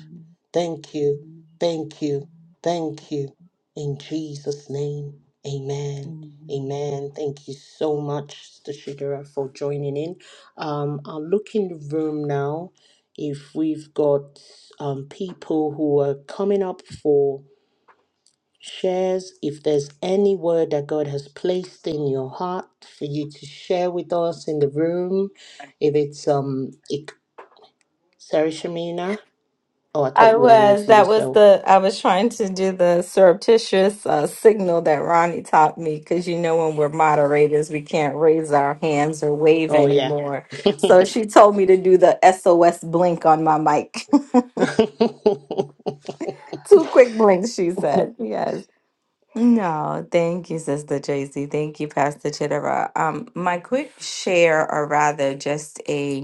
Thank you, thank you, thank you. In Jesus' name, amen. Amen. Thank you so much, Sister Shidera, for joining in. Um, I'll look in the room now if we've got um, people who are coming up for shares. If there's any word that God has placed in your heart for you to share with us in the room, if it's um, ik- Sarah Shamina. Oh, I thought I you were was. unmuting That was yourself. the. I was trying to do the surreptitious uh, signal that Ronnie taught me because you know when we're moderators we can't raise our hands or wave Oh yeah. anymore. So she told me to do the SOS blink on my mic. Two quick blinks, she said. Yes. No, thank you, Sister Tracy. Thank you, Pastor Chittera. Um, my quick share, or rather, just a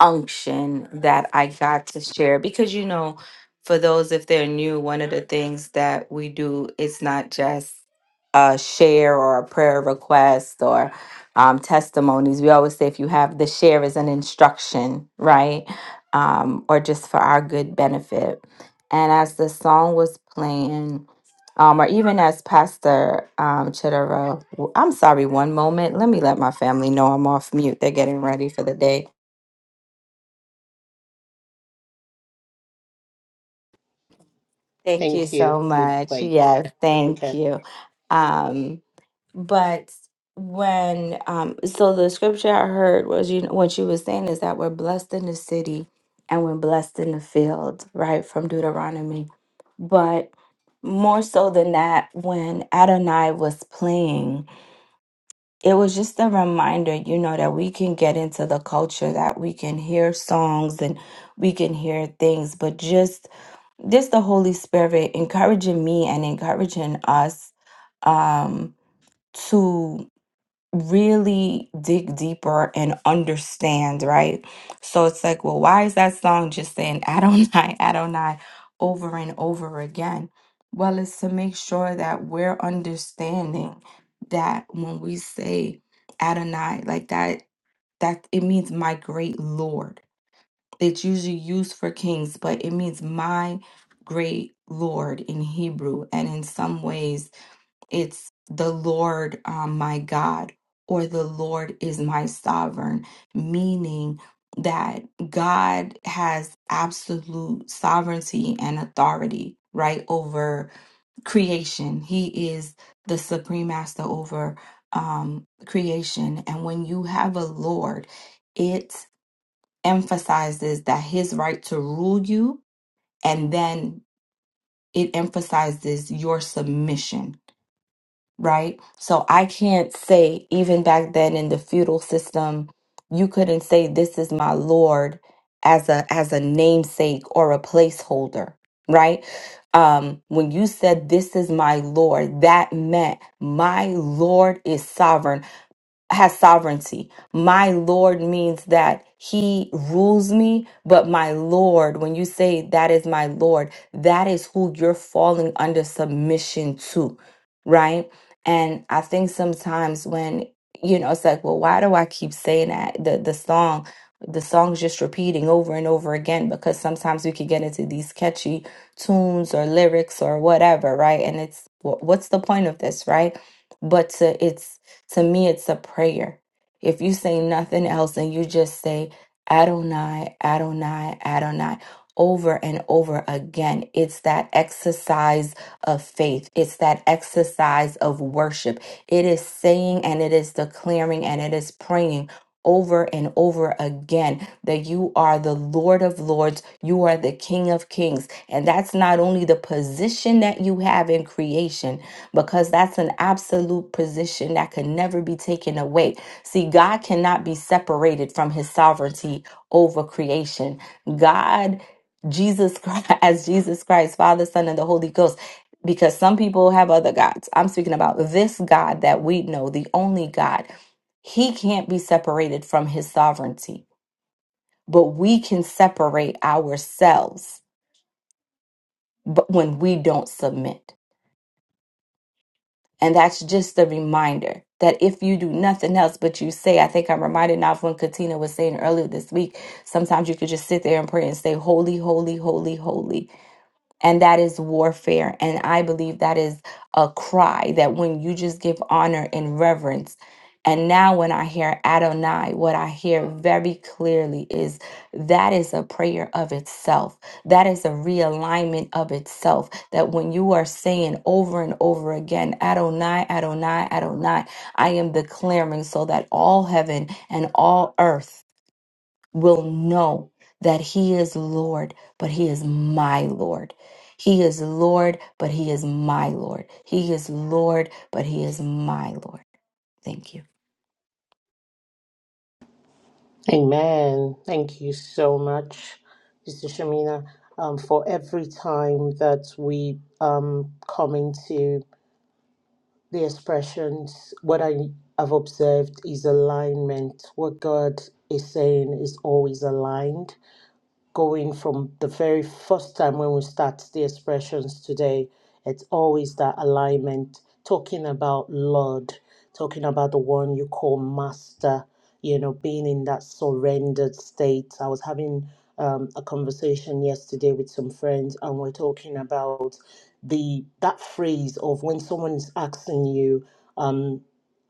unction that I got to share because you know, for those if they're new, one of the things that we do is not just a share or a prayer request or um, testimonies. We always say if you have the share is an instruction, right? Um, or just for our good benefit. And as the song was playing, um, or even as Pastor um, Chidera, I'm sorry, one moment. Let me let my family know I'm off mute. They're getting ready for the day. Thank you Thank you. so We'll much. wait. Yes, thank Okay. you. Um, but when um, so the scripture I heard was you know, what she was saying is that we're blessed in the city and we're blessed in the field, right? From Deuteronomy. But more so than that, when Adonai was playing, it was just a reminder, you know, that we can get into the culture, that we can hear songs and we can hear things, but just this the Holy Spirit encouraging me and encouraging us um, to really dig deeper and understand, right? So it's like, well, why is that song just saying Adonai, Adonai over and over again? Well, it's to make sure that we're understanding that when we say Adonai, like that, that it means my great Lord it's usually used for kings, but it means my great Lord in Hebrew. And in some ways, it's the Lord, um, my God, or the Lord is my sovereign, meaning that God has absolute sovereignty and authority, right, over creation. He is the supreme master over um, creation. And when you have a Lord, it emphasizes that his right to rule you and then it emphasizes your submission right so i can't say even back then in the feudal system you couldn't say this is my lord as a as a namesake or a placeholder right um when you said this is my lord that meant my lord is sovereign has sovereignty. My Lord means that he rules me, but my Lord, when you say that is my Lord, that is who you're falling under submission to, right? And I think sometimes when, you know, it's like, well, why do I keep saying that? The the song, the song's just repeating over and over again because sometimes we can get into these catchy tunes or lyrics or whatever, right? And it's wh- what's the point of this, right? But to, it's to me, it's a prayer. If you say nothing else and you just say Adonai, Adonai, Adonai over and over again, it's that exercise of faith. It's that exercise of worship. It is saying and it is declaring and it is praying over and over again that you are the Lord of Lords, you are the King of Kings. And that's not only the position that you have in creation, because that's an absolute position that can never be taken away. See, God cannot be separated from his sovereignty over creation. God, Jesus Christ, as Jesus Christ, Father, Son, and the Holy Ghost, because some people have other gods. I'm speaking about this God that we know, the only God. He can't be separated from his sovereignty, but we can separate ourselves but when we don't submit. And that's just a reminder that if you do nothing else but you say, I think I'm reminded now of when Katina was saying earlier this week, sometimes you could just sit there and pray and say, Holy, holy, holy, holy and that is warfare. And I believe that is a cry that when you just give honor and reverence, and now when I hear Adonai, what I hear very clearly is that is a prayer of itself. That is a realignment of itself. That when you are saying over and over again, Adonai, Adonai, Adonai, I am declaring so that all heaven and all earth will know that He is Lord, but He is my Lord. He is Lord, but He is my Lord. He is Lord, but He is my Lord. Thank you. Amen. Thank you so much, Mr. Shamina, um, for every time that we um come into the expressions, what I have observed is alignment. What God is saying is always aligned going from the very first time when we start the expressions today, it's always that alignment, talking about Lord, talking about the one you call Master, you know, being in that surrendered state. I was having um, a conversation yesterday with some friends, and we're talking about the that phrase of when someone is asking you. um,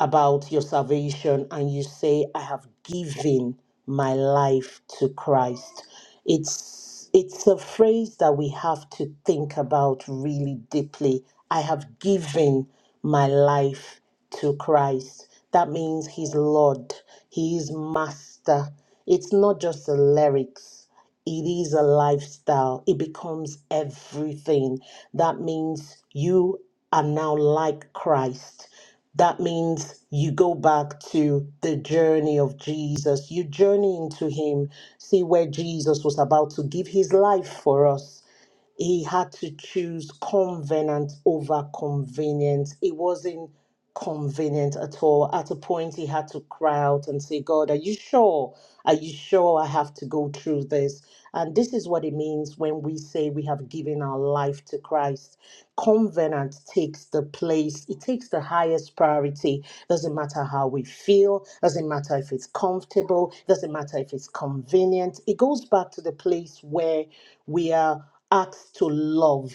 about your salvation and you say i have given my life to christ it's it's a phrase that we have to think about really deeply i have given my life to christ that means he's lord he is master it's not just the lyrics it is a lifestyle it becomes everything that means you are now like christ that means you go back to the journey of Jesus. You journey into Him, see where Jesus was about to give His life for us he had to choose covenant over convenience. It wasn't convenient at all. At a point, he had to cry out and say, God, are you sure? Are you sure I have to go through this? And this is what it means when we say we have given our life to Christ. Covenant takes the place, it takes the highest priority. Doesn't matter how we feel, doesn't matter if it's comfortable, doesn't matter if it's convenient. It goes back to the place where we are asked to love.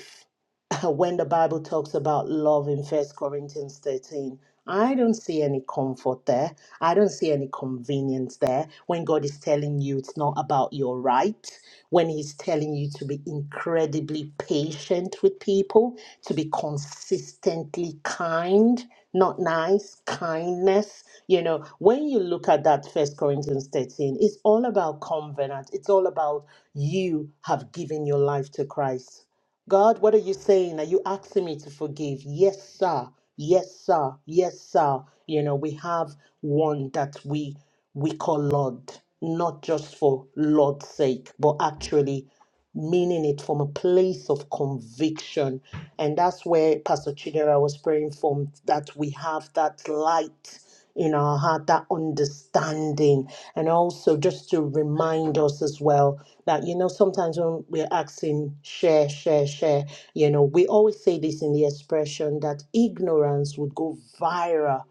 when the Bible talks about love in First Corinthians 13. I don't see any comfort there. I don't see any convenience there when God is telling you it's not about your right, when He's telling you to be incredibly patient with people, to be consistently kind, not nice, kindness. You know, when you look at that First Corinthians 13, it's all about covenant, it's all about you have given your life to Christ God, what are you saying? Are you asking me to forgive? Yes, sir. Yes, sir. Yes, sir. You know, we have one that we we call Lord, not just for Lord's sake, but actually meaning it from a place of conviction. And that's where Pastor Chidera was praying from that we have that light in our heart, that understanding. And also just to remind us as well that, you know, sometimes when we're asking share, share, share, you know, we always say this in the expression that ignorance would go viral.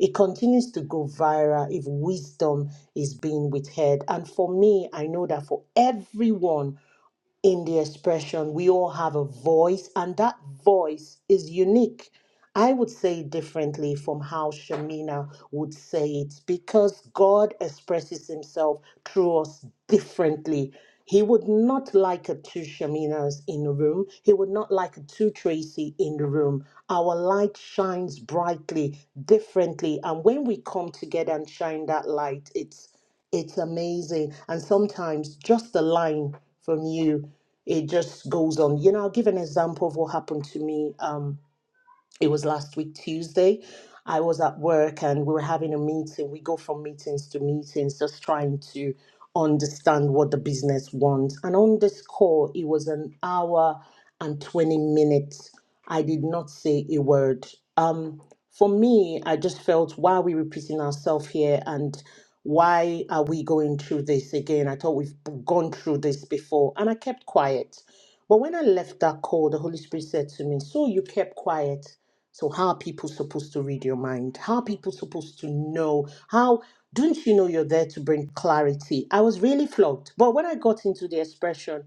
It continues to go viral if wisdom is being withheld. And for me, I know that for everyone, in the expression. We all have a voice, and that voice is unique. I would say it differently from how Shamina would say it because God expresses himself through us differently. He would not like a two Shaminas in the room. He would not like a two Tracy in the room. Our light shines brightly, differently. And when we come together and shine that light, it's it's amazing. And sometimes just a line from you it just goes on. You know, I'll give an example of what happened to me. Um, it was last week Tuesday. I was at work and we were having a meeting. We go from meetings to meetings, just trying to understand what the business wants. And on this call, it was an hour and 20 minutes. I did not say a word. Um, for me, I just felt why are we repeating ourselves here and why are we going through this again? I thought we've gone through this before. And I kept quiet. But when I left that call, the Holy Spirit said to me, So you kept quiet. So how are people supposed to read your mind? How are people supposed to know? How don't you know you're there to bring clarity? I was really flogged. But when I got into the expression,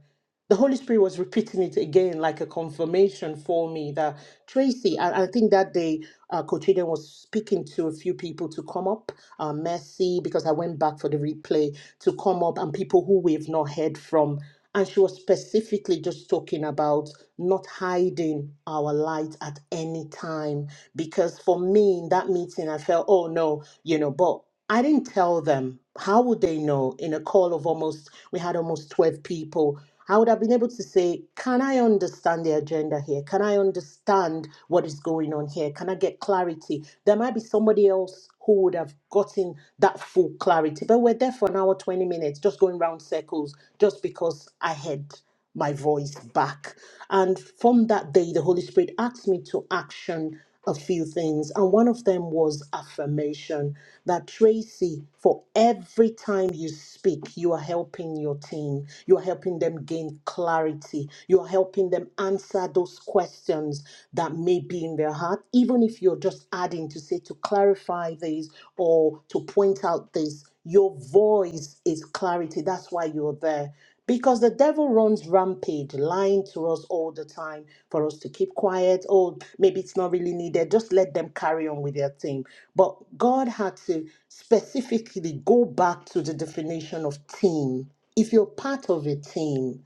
the Holy Spirit was repeating it again, like a confirmation for me that Tracy, I, I think that day, uh, Coach Eden was speaking to a few people to come up, uh, Mercy, because I went back for the replay, to come up and people who we've not heard from. And she was specifically just talking about not hiding our light at any time. Because for me, in that meeting, I felt, oh no, you know, but I didn't tell them. How would they know in a call of almost, we had almost 12 people? I would have been able to say, can I understand the agenda here? Can I understand what is going on here? Can I get clarity? There might be somebody else who would have gotten that full clarity, but we're there for an hour, 20 minutes, just going round circles just because I had my voice back. And from that day, the Holy Spirit asked me to action a few things. And one of them was affirmation that Tracy, for every time you speak, you are helping your team, you are helping them gain clarity, you are helping them answer those questions that may be in their heart, even if you're just adding to say to clarify this or to point out this. Your voice is clarity. That's why you're there. Because the devil runs rampage, lying to us all the time for us to keep quiet. Oh, maybe it's not really needed. Just let them carry on with their thing. But God had to specifically go back to the definition of team. If you're part of a team,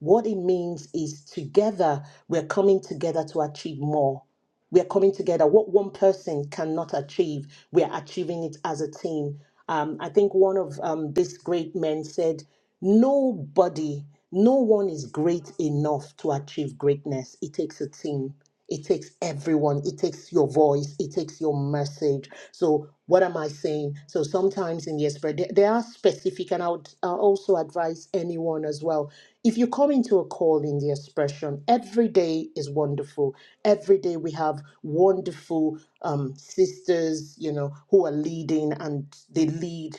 what it means is together, we're coming together to achieve more. We're coming together. What one person cannot achieve, we're achieving it as a team. Um, I think one of um, these great men said, Nobody, no one is great enough to achieve greatness. It takes a team. It takes everyone. It takes your voice. It takes your message good. So what am I saying? So sometimes in the spirit, they, they are specific, and I would uh, also advise anyone as well. If you come into a call in the expression, every day is wonderful. Every day we have wonderful um, sisters, you know, who are leading and they lead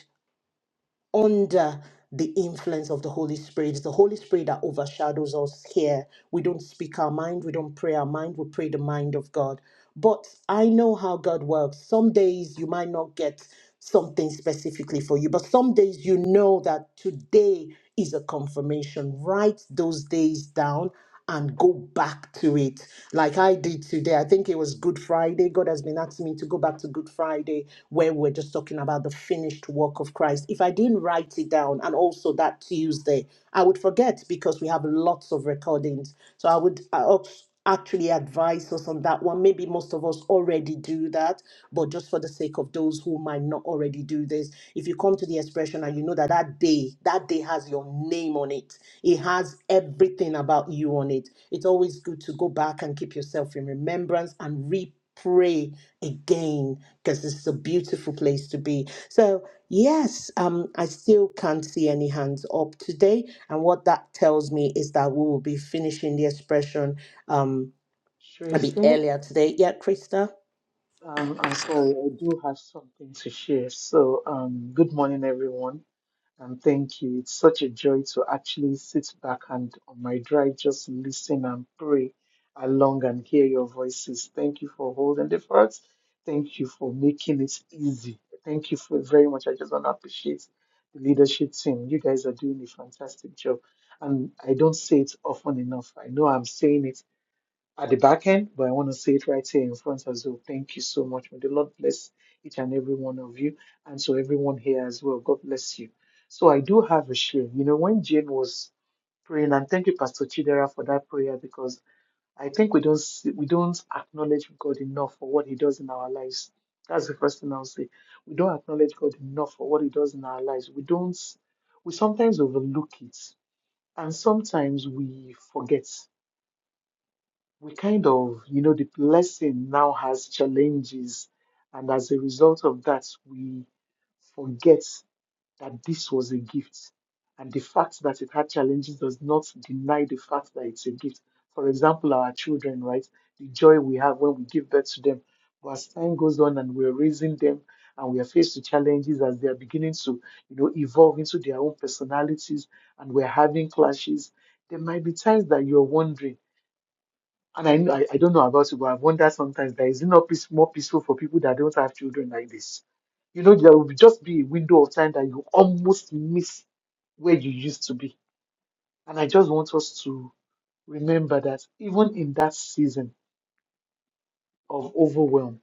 under the influence of the Holy Spirit. It's the Holy Spirit that overshadows us here. We don't speak our mind, we don't pray our mind, we pray the mind of God. But I know how God works. Some days you might not get something specifically for you, but some days you know that today is a confirmation. Write those days down and go back to it like I did today. I think it was Good Friday. God has been asking me to go back to Good Friday where we're just talking about the finished work of Christ. If I didn't write it down and also that Tuesday, I would forget because we have lots of recordings. So I would I, oh, actually advise us on that one. Maybe most of us already do that, but just for the sake of those who might not already do this, if you come to the expression and you know that that day, that day has your name on it, it has everything about you on it. It's always good to go back and keep yourself in remembrance and re pray again because this is a beautiful place to be so yes um i still can't see any hands up today and what that tells me is that we will be finishing the expression um, it'll Tracy, earlier today. Yeah, Krista. um, I'm sorry, I do have something to share. So, um, good morning, everyone, and thank you. It's such a joy to actually sit back and on my drive just listen and pray along and hear your voices. Thank you for holding the fort. Thank you for making it easy. Thank you for very much. I just want to appreciate the leadership team. You guys are doing a fantastic job, and I don't say it often enough. I know I'm saying it at the back end, but I want to say it right here in front as well. Thank you so much. May the Lord bless each and every one of you, and so everyone here as well. God bless you. So I do have a share. You know, when Jane was praying, and thank you, Pastor Chidera, for that prayer because I think we don't see, we don't acknowledge God enough for what He does in our lives. That's the first thing I'll say. We don't acknowledge God enough for what He does in our lives. We don't. We sometimes overlook it, and sometimes we forget we kind of, you know, the lesson now has challenges. And as a result of that, we forget that this was a gift. And the fact that it had challenges does not deny the fact that it's a gift. For example, our children, right? The joy we have when we give birth to them. But as time goes on and we're raising them and we are faced with challenges as they are beginning to, you know, evolve into their own personalities and we're having clashes, there might be times that you're wondering and I, know- I I don't know about you, but I wonder sometimes that is it not peace, more peaceful for people that don't have children like this? You know, there will just be a window of time that you almost miss where you used to be. And I just want us to remember that even in that season of overwhelm,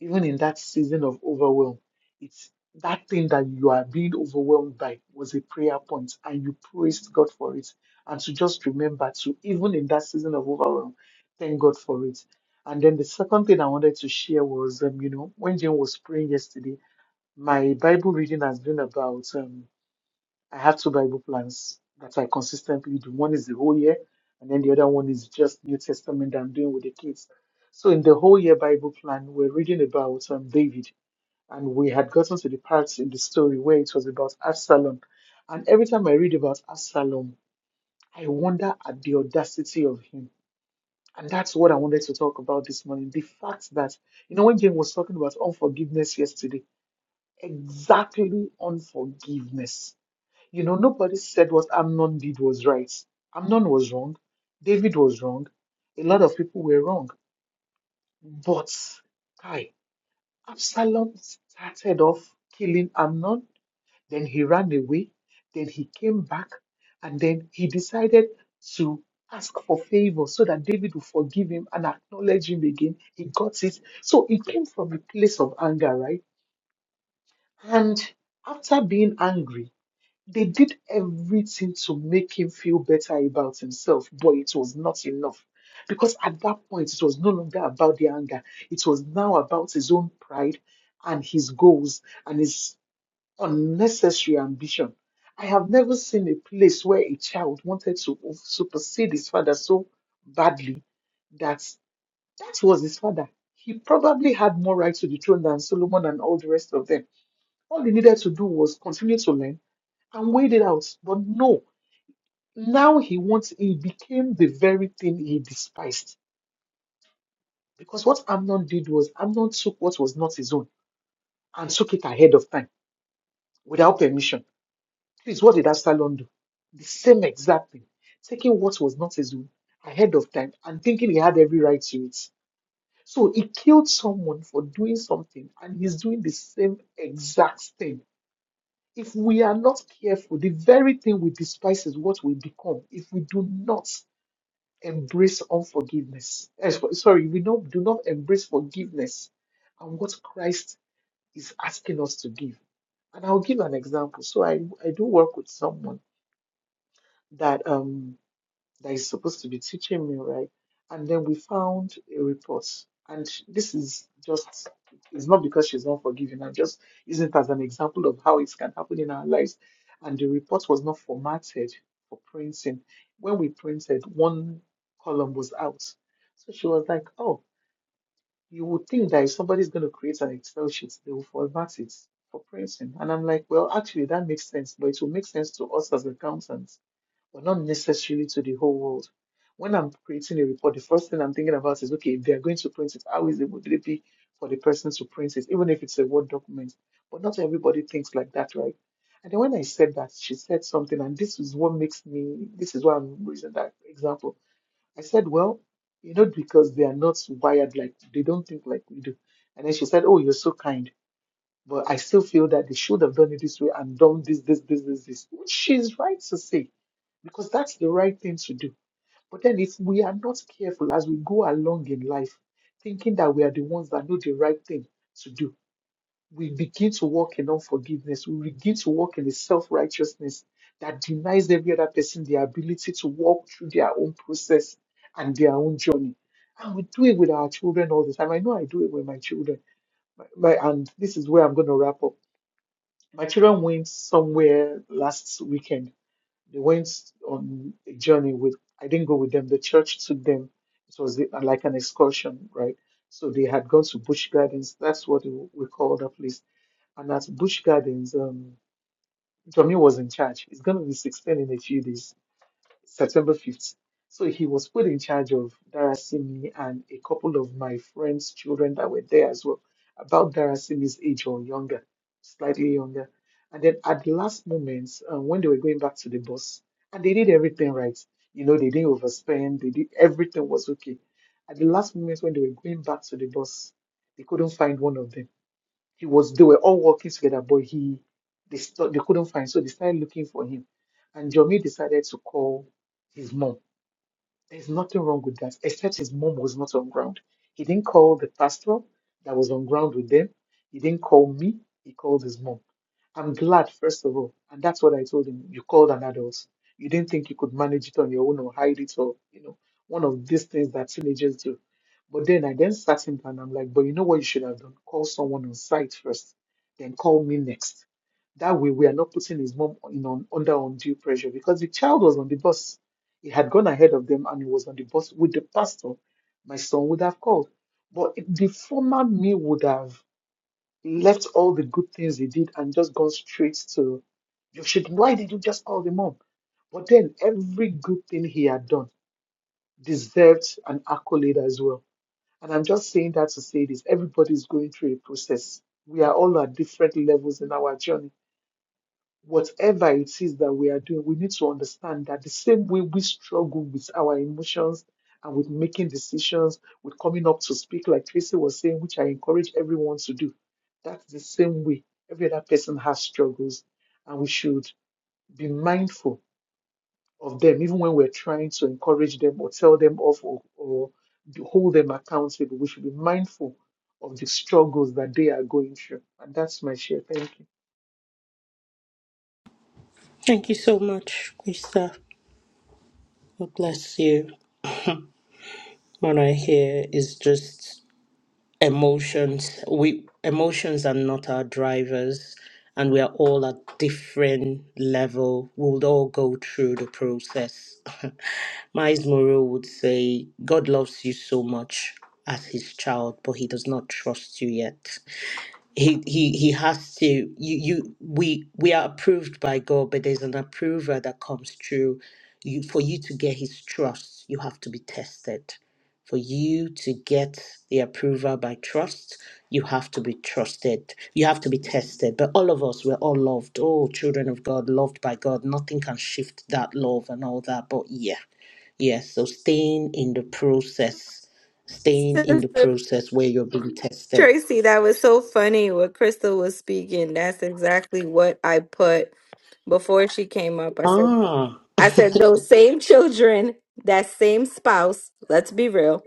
even in that season of overwhelm, it's that thing that you are being overwhelmed by was a prayer point and you praised God for it. And to just remember to, even in that season of overwhelm, thank God for it. And then the second thing I wanted to share was, um, you know, when Jane was praying yesterday, my Bible reading has been about um, I have two Bible plans that I consistently do. One is the whole year, and then the other one is just New Testament that I'm doing with the kids. So in the whole year Bible plan, we're reading about um, David, and we had gotten to the parts in the story where it was about Absalom. And every time I read about Absalom, I wonder at the audacity of him. And that's what I wanted to talk about this morning. The fact that, you know, when Jane was talking about unforgiveness yesterday, exactly unforgiveness you know, nobody said what Amnon did was right. Amnon was wrong. David was wrong. A lot of people were wrong. But, Kai, Absalom started off killing Amnon, then he ran away, then he came back, and then he decided to ask for favor so that David would forgive him and acknowledge him again. He got it. So it came from a place of anger, right? And after being angry, They did everything to make him feel better about himself, but it was not enough. Because at that point, it was no longer about the anger. It was now about his own pride and his goals and his unnecessary ambition. I have never seen a place where a child wanted to supersede his father so badly that that was his father. He probably had more right to the throne than Solomon and all the rest of them. All he needed to do was continue to learn and weighed it out. But no, now he wants, he became the very thing he despised. Because what Amnon did was, Amnon took what was not his own and took it ahead of time without permission. Please, what did Absalom do? The same exact thing, taking what was not his own ahead of time and thinking he had every right to it. So he killed someone for doing something, and he's doing the same exact thing. If we are not careful, the very thing we despise is what we become if we do not embrace unforgiveness. Eh, so- Sorry, we don't do not embrace forgiveness and what Christ is asking us to give. And I'll give an example. So I, I do work with someone that um that is supposed to be teaching me, right? And then we found a report. And this is just, it's not because she's unforgiving. I'm just using it as an example of how it can happen in our lives. And the report was not formatted for printing. When we printed, one column was out. So she was like, oh, you would think that if somebody's going to create an Excel sheet, they will format it for printing. And I'm like, well, actually, that makes sense, but it will make sense to us as accountants but not necessarily to the whole world. When I'm creating a report, the first thing I'm thinking about is okay, if they are going to print it, how is it would it be for the person to print it, even if it's a Word document? But not everybody thinks like that, right? And then when I said that, she said something, and this is what makes me, this is why I'm using that example. I said, well, you know, because they are not wired like, they don't think like we do. And then she said, oh, you're so kind but I still feel that they should have done it this way and done this, this, this, this, this, which she's right to say, because that's the right thing to do. But then if we are not careful as we go along in life, thinking that we are the ones that know the right thing to do, we begin to walk in unforgiveness. We begin to walk in a self-righteousness that denies every other person the ability to walk through their own process and their own journey. And we do it with our children all the time. I know I do it with my children. My, my- and this is where I'm going to wrap up my children went somewhere last weekend. They went on a journey with, I didn't go with them. The church took them. It was the- like an excursion, right? So they had gone to Bush Gardens. That's what we we call that place. And at Bush Gardens, um, Tommy was in charge. He's going to be 16 in a few days. September 5th. So he was put in charge of Darasimi and a couple of my friends' children that were there as well, about Darasimi's age or younger, slightly younger. And then at the last moment, um, when they were going back to the bus, and they did everything right. You know, they didn't overspend, they did everything was okay. At the last moment when they were going back to the bus, they couldn't find one of them he was they were all working together, but he they st- they couldn't find, so they started looking for him. And Jomi decided to call his mom there's nothing wrong with that, except his mom was not on ground. He didn't call the pastor that was on ground with them. He didn't call me. He called his mom. I'm glad, first of all, and that's what I told him. You called an adult. You didn't think you could manage it on your own or hide it or, you know, one of these things that teenagers do. But then I then sat him down and I'm like, but you know what you should have done? Call someone on site first, then call me next. That way we are not putting his mom in on, under undue pressure because the child was on the bus he had gone ahead of them and he was on the bus with the pastor. My son would have called. But the former me would have left all the good things he did and just gone straight to, you should, why did you just call the mom? But then every good thing he had done deserved an accolade as well. And I'm just saying that to say this everybody's going through a process. We are all at different levels in our journey whatever it is that we are doing, we need to understand that the same way we struggle with our emotions and with making decisions, with coming up to speak, like Tracy was saying, which I encourage everyone to do, that's the same way every other person has struggles. And we should be mindful of them, even when we're trying to encourage them or tell them off or, or hold them accountable. We should be mindful of the struggles that they are going through. And that's my share. Thank you. Thank you so much, Krista. God bless you. What I hear is just emotions. We emotions are not our drivers, and we are all at different level. We'll all go through the process. Miles Moreau would say, "God loves you so much as His child, but He does not trust you yet." he he he has to you you we we are approved by god but there's an approver that comes through you for you to get his trust you have to be tested for you to get the approval by trust you have to be trusted you have to be tested but all of us we're all loved Oh, children of god loved by god nothing can shift that love and all that but yeah yeah so staying in the process staying in the Sister process where you're being tested Tracy, that was so funny what Crystal was speaking. That's exactly what I put before she came up. I said, ah I said, those same children, that same spouse, let's be real,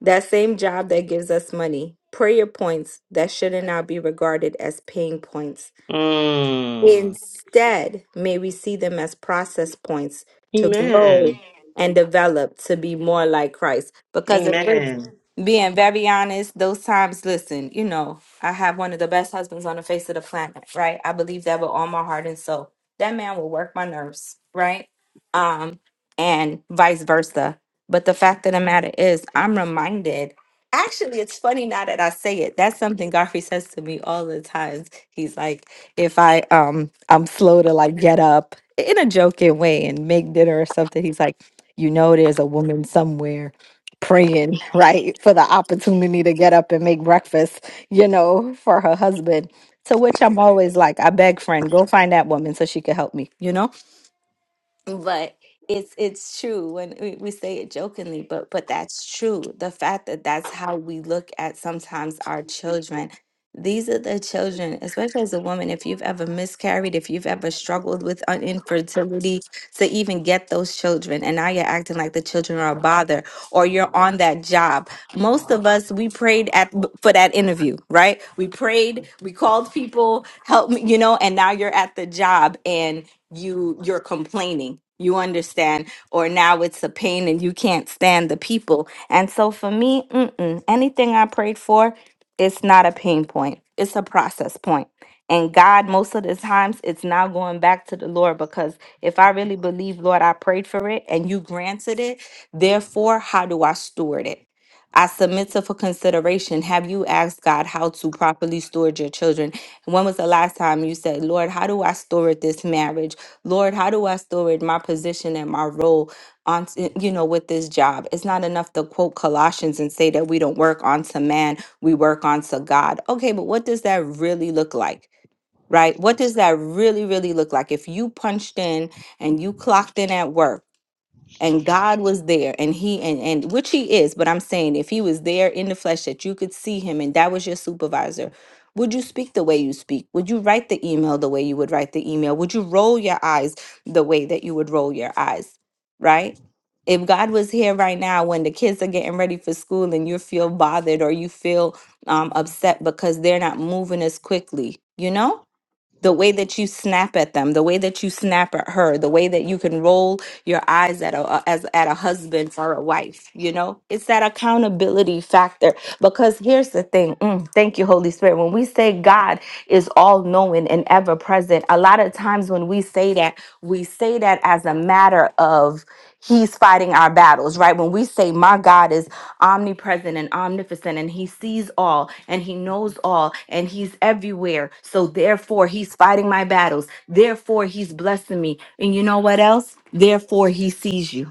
that same job that gives us money, prayer points that should not be regarded as pain points. Mm. Instead, may we see them as process points to grow Amen. and develop to be more like Christ. Because if we're Amen. being very honest, those times, listen, you know, I have one of the best husbands on the face of the planet, right? I believe that with all my heart and soul. That man will work my nerves, right? Um, and vice versa. But the fact of the matter is, I'm reminded. Actually, it's funny now that I say it. That's something Godfrey says to me all the times. He's like, if I um I'm slow to like get up in a joking way and make dinner or something, he's like, you know, there's a woman somewhere praying, right, for the opportunity to get up and make breakfast, you know, for her husband. To which I'm always like, I beg, friend, go find that woman so she can help me, you know? but it's it's true when we, we say it jokingly but but that's true the fact that that's how we look at sometimes our children these are the children especially as a woman if you've ever miscarried if you've ever struggled with un- infertility to even get those children and now you're acting like the children are a bother or you're on that job most of us we prayed at for that interview right we prayed we called people help me you know and now you're at the job you you're complaining you understand or now it's a pain and you can't stand the people and so for me mm-mm, anything i prayed for it's not a pain point it's a process point point. and god most of the times it's now going back to the lord because if i really believe lord i prayed for it and you granted it therefore how do i steward it I submit to for consideration. Have you asked God how to properly steward your children? When was the last time you said, Lord, how do I steward this marriage? Lord, how do I steward my position and my role on, eh, you know, with this job? It's not enough to quote Colossians and say that we don't work onto man, we work onto God. Okay, but what does that really look like? Right? What does that really, really look like? If you punched in and you clocked in at work, and God was there and he and and which he is, but I'm saying if he was there in the flesh that you could see him and that was your supervisor, would you speak the way you speak? Would you write the email the way you would write the email? Would you roll your eyes the way that you would roll your eyes? Right? If God was here right now when the kids are getting ready for school and you feel bothered or you feel um, upset because they're not moving as quickly, you know? the way that you snap at them, the way that you snap at her, the way that you can roll your eyes at a as at a husband or a wife, you know? It's that accountability factor because here's the thing. Mm, thank you, Holy Spirit. When we say God is all knowing and ever present, a lot of times when we say that, we say that as a matter of He's fighting our battles, right? When we say, My God is omnipresent and omnipotent, and He sees all, and He knows all, and He's everywhere. So therefore, He's fighting my battles. Therefore, He's blessing me. And you know what else? Therefore, He sees you.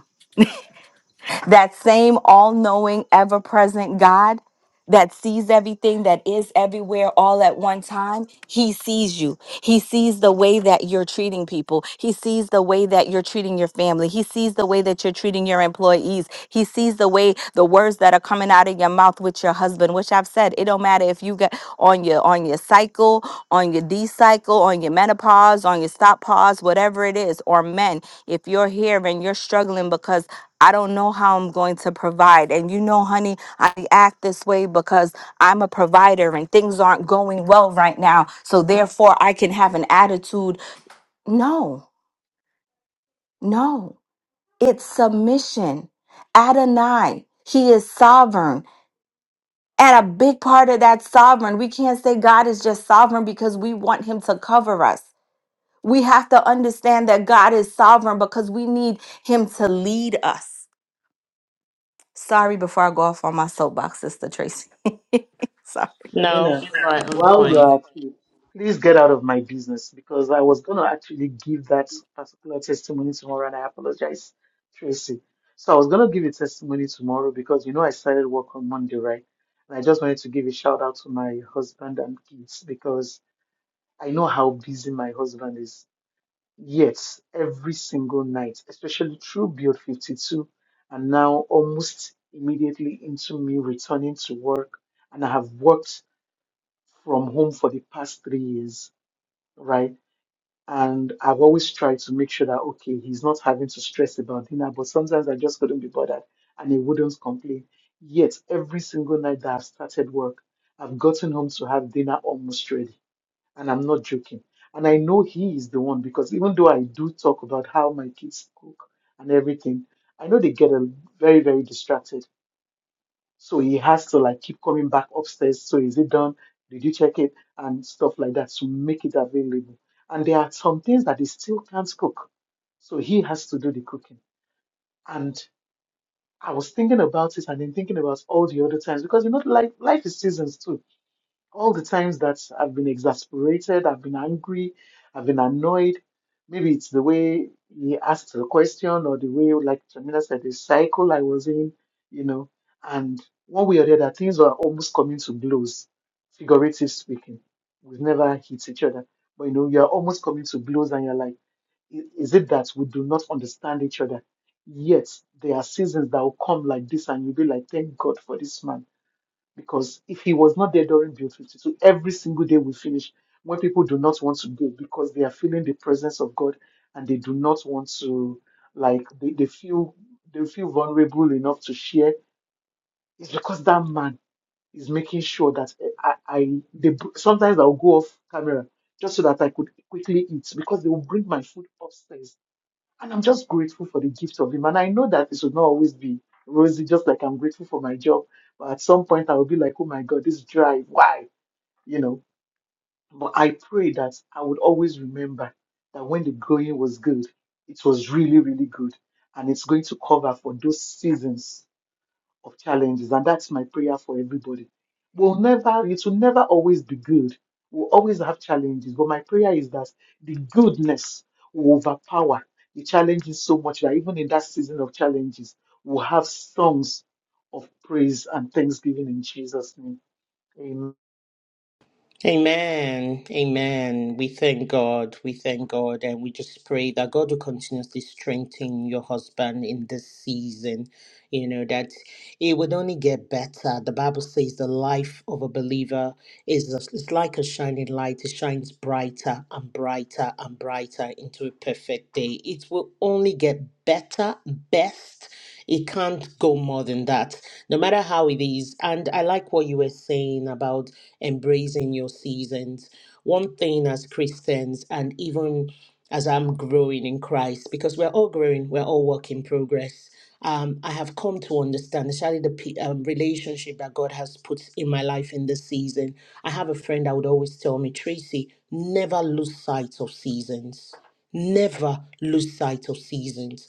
That same all knowing, ever present God that sees everything, that is everywhere all at one time, He sees you. He sees the way that you're treating people. He sees the way that you're treating your family. He sees the way that you're treating your employees. He sees the way the words that are coming out of your mouth with your husband, which I've said, it don't matter if you get on your on your cycle, on your D cycle, on your menopause, on your stop pause, whatever it is, or men, if you're here and you're struggling because I don't know how I'm going to provide. And you know, honey, I act this way because I'm a provider and things aren't going well right now. So therefore, I can have an attitude. No, no, it's submission. Adonai, He is sovereign. And a big part of that sovereign, we can't say God is just sovereign because we want Him to cover us. We have to understand that God is sovereign because we need Him to lead us. Sorry before I go off on my soapbox, Sister Tracy. Sorry. No, Shamina, but I'm while you playing. are at it, please get out of my business because I was going to actually give that particular testimony tomorrow and I apologize, Tracy. So I was going to give a testimony tomorrow because you know I started work on Monday, right? And I just wanted to give a shout out to my husband and kids because I know how busy my husband is. Yes, every single night, especially through Build 52 and now almost immediately into me returning to work. And I have worked from home for the past three years, right? And I've always tried to make sure that, okay, he's not having to stress about dinner, but sometimes I just couldn't be bothered and he wouldn't complain. Yet, every single night that I've started work, I've gotten home to have dinner almost ready. And I'm not joking. And I know he is the one because even though I do talk about how my kids cook and everything, I know they get a very, very distracted so he has to like keep coming back upstairs. So is it done? Did you check it? And stuff like that to make it available. And there are some things that he still can't cook. So he has to do the cooking. And I was thinking about it and then thinking about all the other times because you know, like life is seasons too all the times that I've been exasperated, I've been angry, I've been annoyed. Maybe it's the way he asked the question or the way, like Jamila said, the cycle I was in, you know, and one way or the other, things were almost coming to blows, figurative speaking. We've never hit each other, but you know, you're almost coming to blows and you're like, "I- is it that we do not understand each other? Yet there are seasons that will come like this, and you'll be like, thank God for this man because if he was not there during Build 52, every single day we finish when people do not want to go because they are feeling the presence of God and they do not want to, like, they, they feel they feel vulnerable enough to share. It's because that man is making sure that eh, I, I they, sometimes I'll go off camera just so that I could quickly eat because they will bring my food upstairs and I'm just grateful for the gift of him. And I know that it should not always be rosy, just like I'm grateful for my job. But at some point, I will be like, oh my God, this drive, why? You know, but I pray that I would always remember that when the going was good, it was really, really good. And it's going to cover for those seasons of challenges, and that's my prayer for everybody. We'll never, it will never always be good. We'll always have challenges, but my prayer is that the goodness will overpower the challenges so much that even in that season of challenges, we'll have songs of praise and thanksgiving in Jesus' name. Amen. Amen. Amen. We thank God. We thank God. And we just pray that God will continuously strengthen your husband in this season. You know, that it would only get better. The Bible says the life of a believer is it's like a shining light. It shines brighter and brighter and brighter into a perfect day. It will only get better, best. It can't go more than that, no matter how it is. And I like what you were saying about embracing your seasons. One thing as Christians, and even as I'm growing in Christ, because we're all growing, we're all work in progress. Um, I have come to understand, especially the pe- um, relationship that God has put in my life in this season. I have a friend that would always tell me, Tracy, never lose sight of seasons. Never lose sight of seasons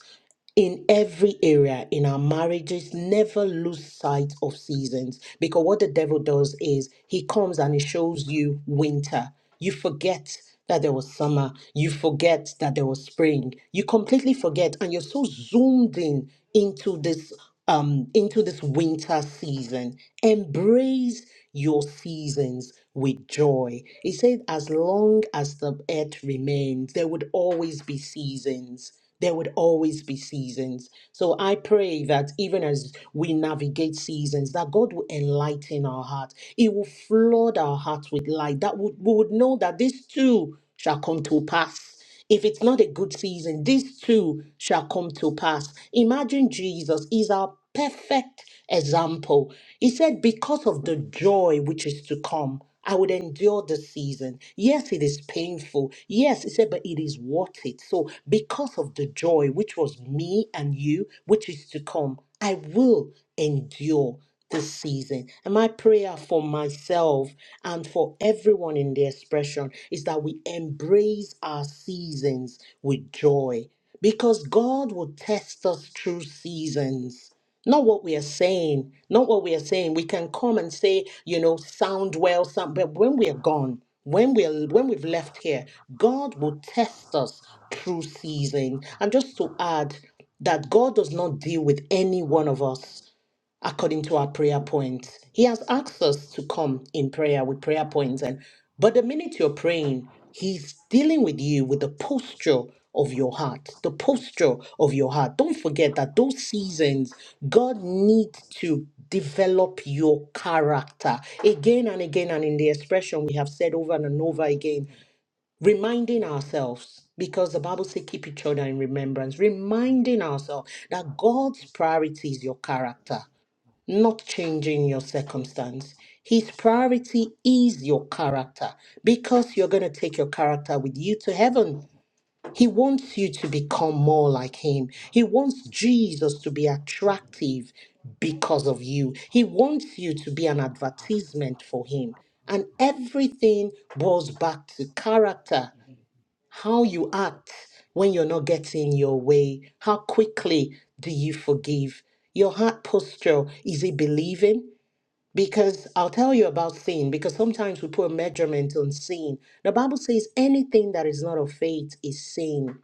in every area in our marriages never lose sight of seasons because what the devil does is he comes and he shows you winter you forget that there was summer you forget that there was spring you completely forget and you're so zoomed in into this um, into this winter season. Embrace your seasons with joy. He said, as long as the earth remains, there would always be seasons. There would always be seasons. So I pray that even as we navigate seasons, that God will enlighten our heart. He will flood our hearts with light. That would we would know that this too shall come to pass. If it's not a good season, these two shall come to pass. Imagine Jesus is our perfect example. He said, Because of the joy which is to come, I would endure the season. Yes, it is painful. Yes, he said, but it is worth it. So, because of the joy which was me and you, which is to come, I will endure this season. And my prayer for myself and for everyone in the expression is that we embrace our seasons with joy because God will test us through seasons. Not what we are saying, not what we are saying. We can come and say, you know, sound well, sound, but when we are gone, when we're when we've left here, God will test us through season. And just to add that God does not deal with any one of us according to our prayer points. He has asked us to come in prayer with prayer points, and but the minute you're praying, he's dealing with you with the posture of your heart, the posture of your heart. Don't forget that those seasons, God needs to develop your character again and again, and in the expression we have said over and over again, reminding ourselves. Because the Bible says, keep each other in remembrance, reminding ourselves that God's priority is your character not changing your circumstance. His priority is your character because you're going to take your character with you to heaven. He wants you to become more like him. He wants Jesus to be attractive because of you. He wants you to be an advertisement for him. And everything boils back to character how you act when you're not getting your way. How quickly do you forgive? Your heart posture is it believing? Because I'll tell you about sin, because sometimes we put measurement on sin. The Bible says anything that is not of faith is sin.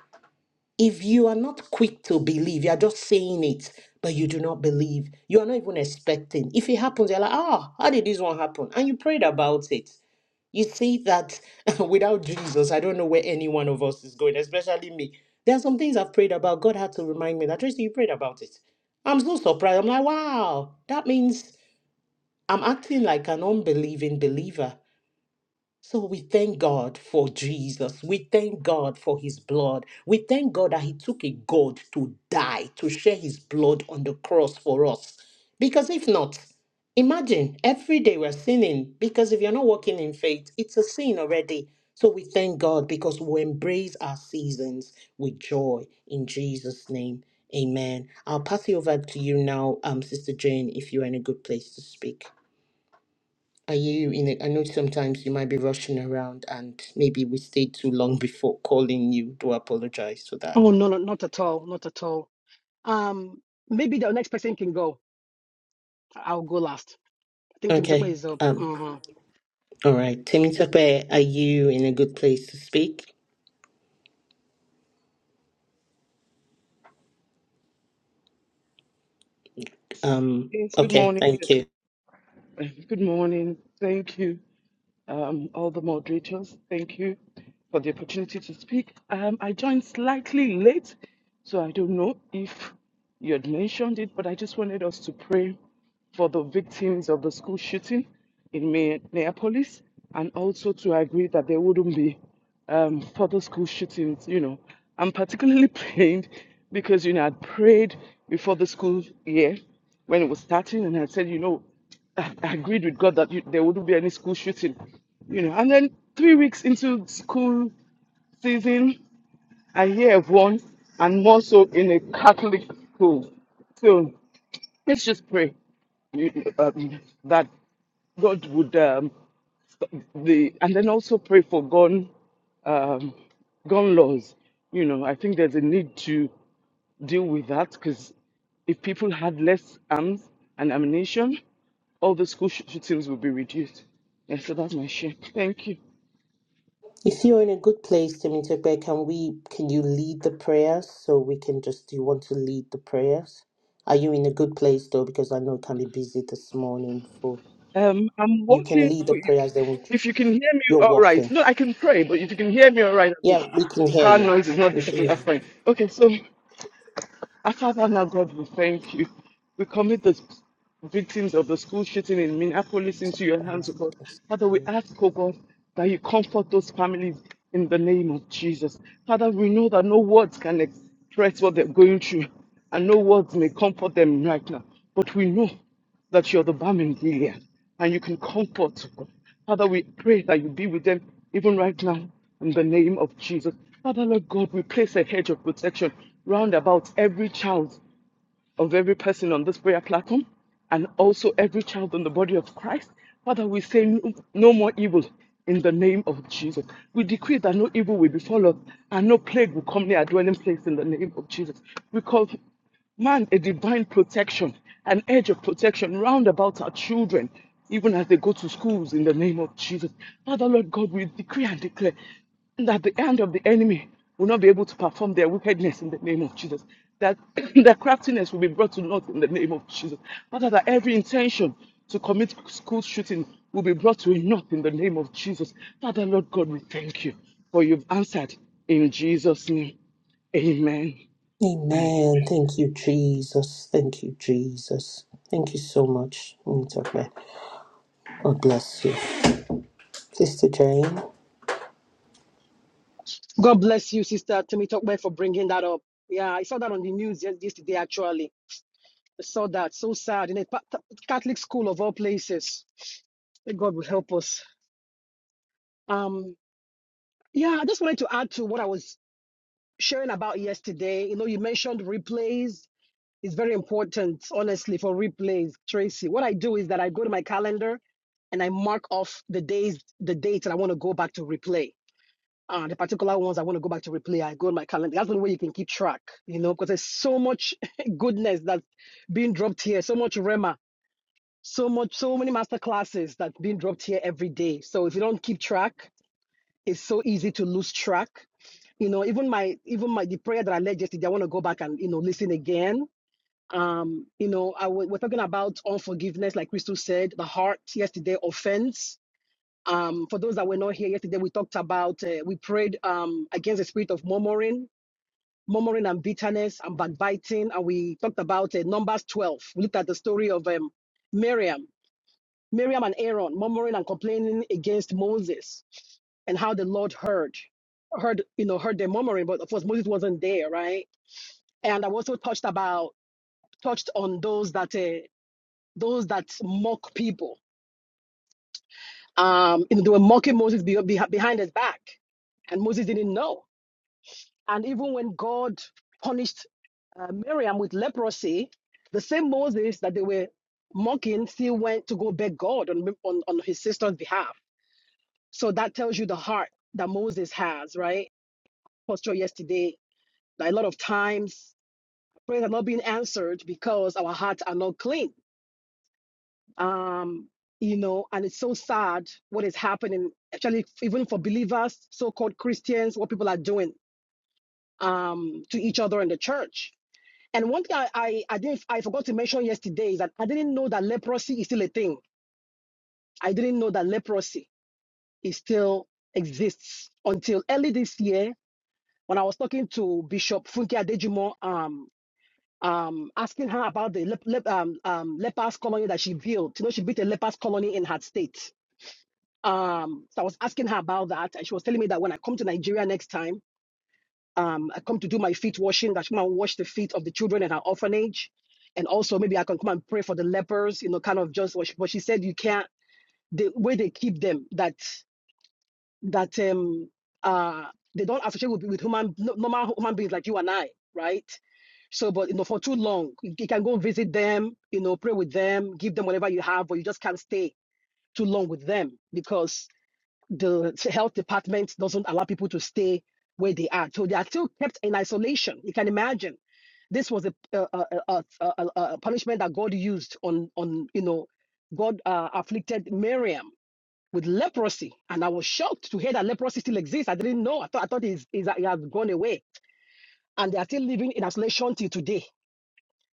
If you are not quick to believe, you are just saying it, but you do not believe, you are not even expecting. If it happens, you're like, ah, how did this one happen? And you prayed about it. You see that without Jesus, I don't know where any one of us is going, especially me. There are some things I've prayed about. God had to remind me that, Tracy, you prayed about it. I'm so surprised. I'm like, wow, that means I'm acting like an unbelieving believer. So we thank God for Jesus. We thank God for his blood. We thank God that he took a God to die, to share his blood on the cross for us. Because if not, imagine every day we're sinning. Because if you're not walking in faith, it's a sin already. So we thank God because we embrace our seasons with joy in Jesus' name. Amen. I'll pass it over to you now, um, Sister Jane, if you're in a good place to speak. Are you in it. I know sometimes you might be rushing around and maybe we stayed too long before calling you. Do apologize for that. Oh no, no, not at all, not at all. Um, maybe the next person can go. I'll go last. I think Timotokwe Okay. is up. Um, hmm all right. Temitope, are you in a good place to speak? Um, Yes, good okay, morning. thank you. Yes. Good morning. Thank you um, all the moderators. Thank you for the opportunity to speak. Um, I joined slightly late, so I don't know if you had mentioned it, but I just wanted us to pray for the victims of the school shooting in Mi- Minneapolis and also to agree that there wouldn't be um, further school shootings, you know. I'm particularly praying because, you know, I'd prayed before the school year when it was starting and I said, you know, I I agreed with God that you, there wouldn't be any school shooting, you know. And then three weeks into school season, I hear of one, and more so in a Catholic school. So let's just pray you know, um, that God would um, stop the, and then also pray for gun, um, gun laws. You know, I think there's a need to deal with that because if people had less arms and ammunition, all the school sh- shootings would be reduced. Yeah, so that's my share. Thank you. If you're in a good place, Temitope, can we can you lead the prayers so we can just do you want to lead the prayers? Are you in a good place though? Because I know it can be busy this morning for Um, I'm you can walking. lead the but you- prayers then we, If you can hear me, you're all right. walking. No, I can pray, but if you can hear me, all right. I Yeah, mean, we can hear Car you. noise is not We can hear difficult. you. That's fine. Okay, so Our Father, now God, we thank you. We commit the victims of the school shooting in Minneapolis into your hands, O God. Father, we ask, O God, that you comfort those families in the name of Jesus. Father, we know that no words can express what they're going through, and no words may comfort them right now. But we know that you're the balm in Gilead and you can comfort. Father, we pray that you be with them even right now in the name of Jesus. Father, Lord God, we place a hedge of protection round about every child of every person on this prayer platform and also every child in the body of Christ. Father, we say no no more evil in the name of Jesus. We decree that no evil will befall us and no plague will come near our dwelling place in the name of Jesus. We call man a divine protection, an edge of protection round about our children, even as they go to schools in the name of Jesus. Father, Lord God, we decree and declare and that the hand of the enemy will not be able to perform their wickedness in the name of Jesus. That their craftiness will be brought to naught in the name of Jesus. Father, that every intention to commit school shooting will be brought to a naught in the name of Jesus. Father, Lord God, we thank you for you've answered in Jesus' name. Amen. Amen. Thank you, Jesus. Thank you, Jesus. Thank you so much. Nitokwe. God bless you. Sister Jane. God bless you, Sister Timotokwe, for bringing that up. Yeah, I saw that on the news yes- yesterday. Actually, I saw that. So sad in a pa- ta- Catholic school of all places. May God will help us. Um, yeah, I just wanted to add to what I was sharing about yesterday. You know, you mentioned replays It's very important, honestly, for replays, Tracy. What I do is that I go to my calendar and I mark off the days, the dates that I want to go back to replay. Uh, the particular ones I want to go back to replay, I go on my calendar. That's the only way you can keep track, you know, because there's so much goodness that's being dropped here, so much Rema, so much, so many master classes that's being dropped here every day. So if you don't keep track, it's so easy to lose track you know, even my even my the prayer that I led yesterday, I want to go back and you know listen again um, you know, I w- we're talking about unforgiveness, like Crystal said, the heart yesterday, offense. Um, for those that were not here yesterday, we talked about, uh, we prayed um, against the spirit of murmuring, murmuring and bitterness and backbiting. And we talked about uh, Numbers 12. We looked at the story of um, Miriam, Miriam and Aaron murmuring and complaining against Moses and how the Lord heard, heard you know, heard them murmuring. But of course, Moses wasn't there, right? And I also touched about touched on those that uh, those that mock people. Um, you know, they were mocking Moses be- be- behind his back, and Moses didn't know. And even when God punished uh, Miriam with leprosy, the same Moses that they were mocking still went to go beg God on, on, on his sister's behalf. So that tells you the heart that Moses has, right? Posture yesterday, that a lot of times prayers are not being answered because our hearts are not clean um you know and it's so sad what is happening actually even for believers so-called christians what people are doing um to each other in the church and one thing i i, I didn't i forgot to mention yesterday is that i didn't know that leprosy is still a thing i didn't know that leprosy is still exists until early this year when i was talking to bishop funke adejimo um um, asking her about the lep- lep- um, um, lepers colony that she built. You know, she built a lepers colony in her state Um, so I was asking her about that, and she was telling me that when I come to Nigeria next time, um, I come to do my feet washing, that she come and wash the feet of the children in her orphanage, and also maybe I can come and pray for the lepers, you know, kind of just what she, but she said you can't the way they keep them that that um uh they don't associate with, with human no- normal human beings like you and I, right? So, but you know, for too long, you you can go visit them, you know, pray with them, give them whatever you have, but you just can't stay too long with them because the health department doesn't allow people to stay where they are. So they are still kept in isolation. You can imagine. This was a, a, a, a, a, a punishment that God used on, on you know, God uh, afflicted Miriam with leprosy. And I was shocked to hear that leprosy still exists. I didn't know. I thought, I thought it's, it's, it had gone away. And they are still living in isolation till today.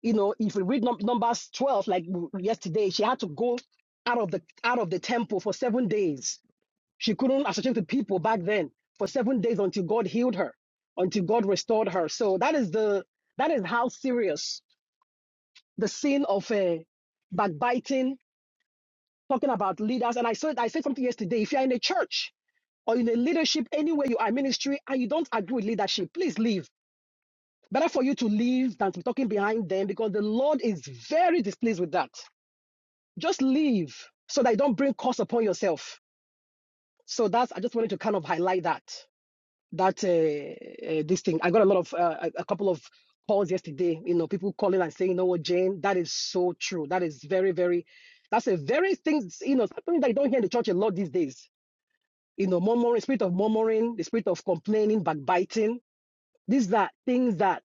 You know, if you read num- Numbers 12, like w- yesterday, she had to go out of the out of the temple for seven days she couldn't associate with people back then for seven days until God healed her, until God restored her. So that is the that is how serious the sin of uh, backbiting, talking about leaders. And I said I said something yesterday. If you're in a church or in a leadership, anywhere you are in ministry, and you don't agree with leadership, please leave. Better for you to leave than to be talking behind them because the Lord is very displeased with that. Just leave so that you don't bring curse upon yourself. So that's I just wanted to kind of highlight that. that uh, uh, this thing. I got a lot of uh, a a couple of calls yesterday. You know, people calling and saying, "You know what, Jane? That is so true. That is very, very. That's a very thing. You know, something that you don't hear in the church a lot these days. You know, murmuring, spirit of murmuring, the spirit of complaining, backbiting. These are things that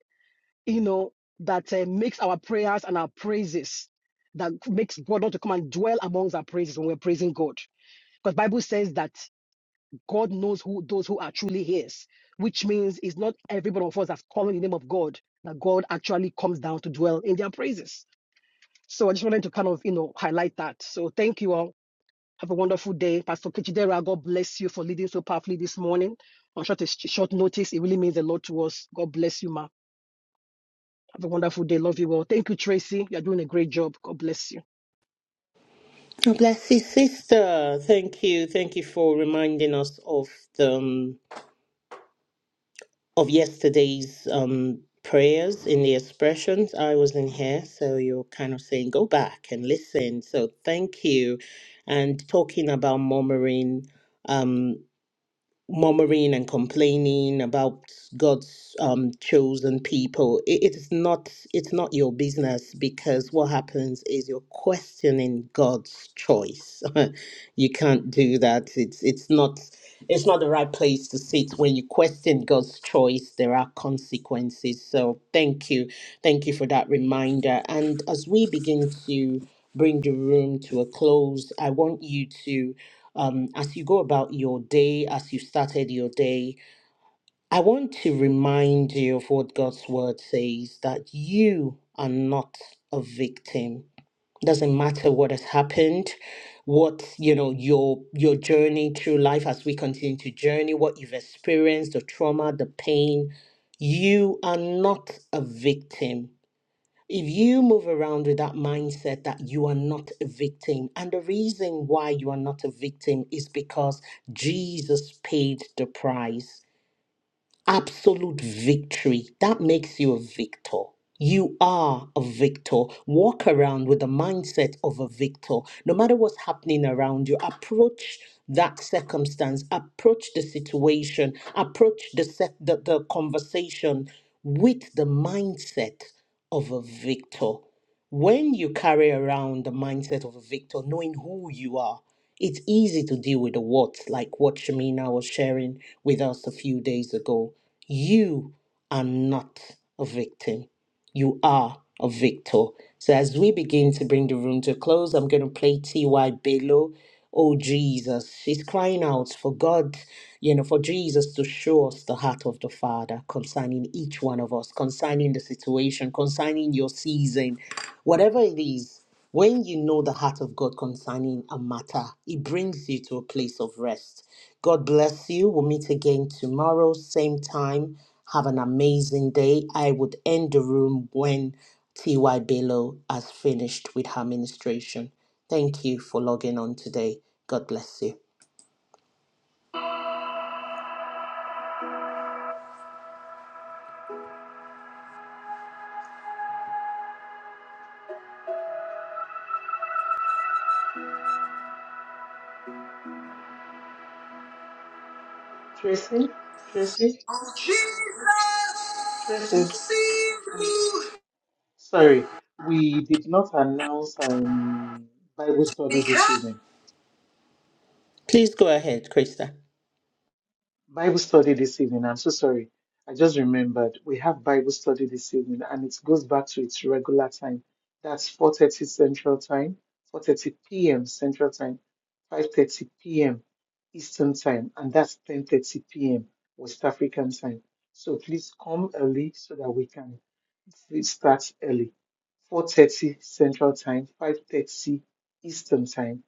you know that uh, makes our prayers and our praises that makes God not to come and dwell amongst our praises when we're praising God. Because Bible says that God knows who those who are truly His, which means it's not every one of us that's calling the name of God that God actually comes down to dwell in their praises. So I just wanted to kind of you know highlight that. So thank you all. Have a wonderful day, Pastor Kichidera. God bless you for leading so powerfully this morning on short short notice. It really means a lot to us. God bless you, ma. Have a wonderful day. Love you all. Thank you, Tracy. You're doing a great job. God bless you. God bless you, sister. Thank you. Thank you for reminding us of the um, of yesterday's um prayers in the expressions. I was in here, so you're kind of saying go back and listen. So thank you. And talking about murmuring. Um, murmuring and complaining about God's um, chosen people. It, it is not it's not your business because what happens is you're questioning God's choice. you can't do that. It's it's not it's not the right place to sit when you question God's choice. There are consequences. So thank you, thank you for that reminder. And as we begin to bring the room to a close, I want you to um, as you go about your day, as you started your day, I want to remind you of what God's word says that you are not a victim. Doesn't matter what has happened, what you know, your your journey through life as we continue to journey, what you've experienced, the trauma, the pain, you are not a victim. If you move around with that mindset that you are not a victim, and the reason why you are not a victim is because Jesus paid the price absolute victory. That makes you a victor. You are a victor. Walk around with the mindset of a victor. No matter what's happening around you, approach that circumstance, approach the situation, approach the, se- the, the conversation with the mindset of a victor. When you carry around the mindset of a victor, knowing who you are, it's easy to deal with the what, like what Shamina was sharing with us a few days ago. You are not a victim. You are a victor. So as we begin to bring the room to a close, I'm going to play T.Y. Bello. Oh, Jesus. She's crying out for God you know, for Jesus to show us the heart of the Father concerning each one of us, concerning the situation, concerning your season, whatever it is. When you know the heart of God concerning a matter, it brings you to a place of rest. God bless you. We'll meet again tomorrow, same time. Have an amazing day. I would end the room when T.Y. Bello has finished with her ministration. Thank you for logging on today. God bless you. Tracy, Tracy, Tracy. Sorry, we did not announce um, Bible study this evening. Please go ahead, Krista. Bible study this evening. I'm so sorry. I just remembered we have Bible study this evening and it goes back to its regular time. That's 4:30 Central Time, 4:30 p.m. Central Time, 5:30 p.m. Eastern Time, and that's 10:30 p.m. West African Time. So please come early so that we can it starts early. 4:30 Central Time, 5:30 Eastern Time,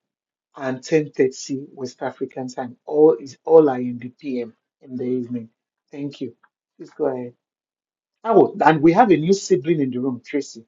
and 10:30 West African time. All is all are in the PM in the evening. Thank you. Please go ahead. Oh, and we have a new sibling in the room, Tracy.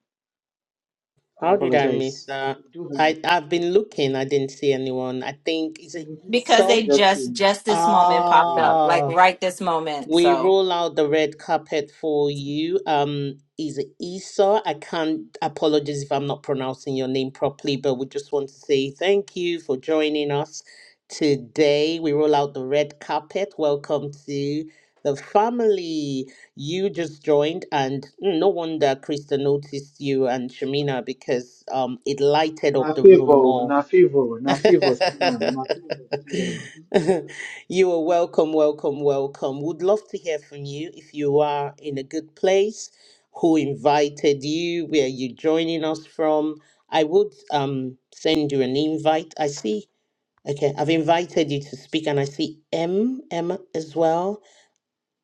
I How did I miss apologize. that? We do I have. I've been looking. I didn't see anyone. I think is it Because Maybe Esau? she they just just came. just this moment popped Yeah. up, like Ah, right this moment. We So. roll out the red carpet for you. Um, is it Esau? I can't. Apologies if I'm not pronouncing your name properly, but we just want to say thank you for joining us today. We roll out the red carpet. Welcome to the family. You just joined, and mm, no wonder Krista noticed you and Shamina because um it lighted Na up the room favor, more. na favor, na favor, Siam, na favor, Siam. you are welcome, welcome, welcome. Would love to hear from you if you are in a good place, who invited you, where are you joining us from. I would um send you an invite. I see. Okay, I've invited you to speak and I see M M as well.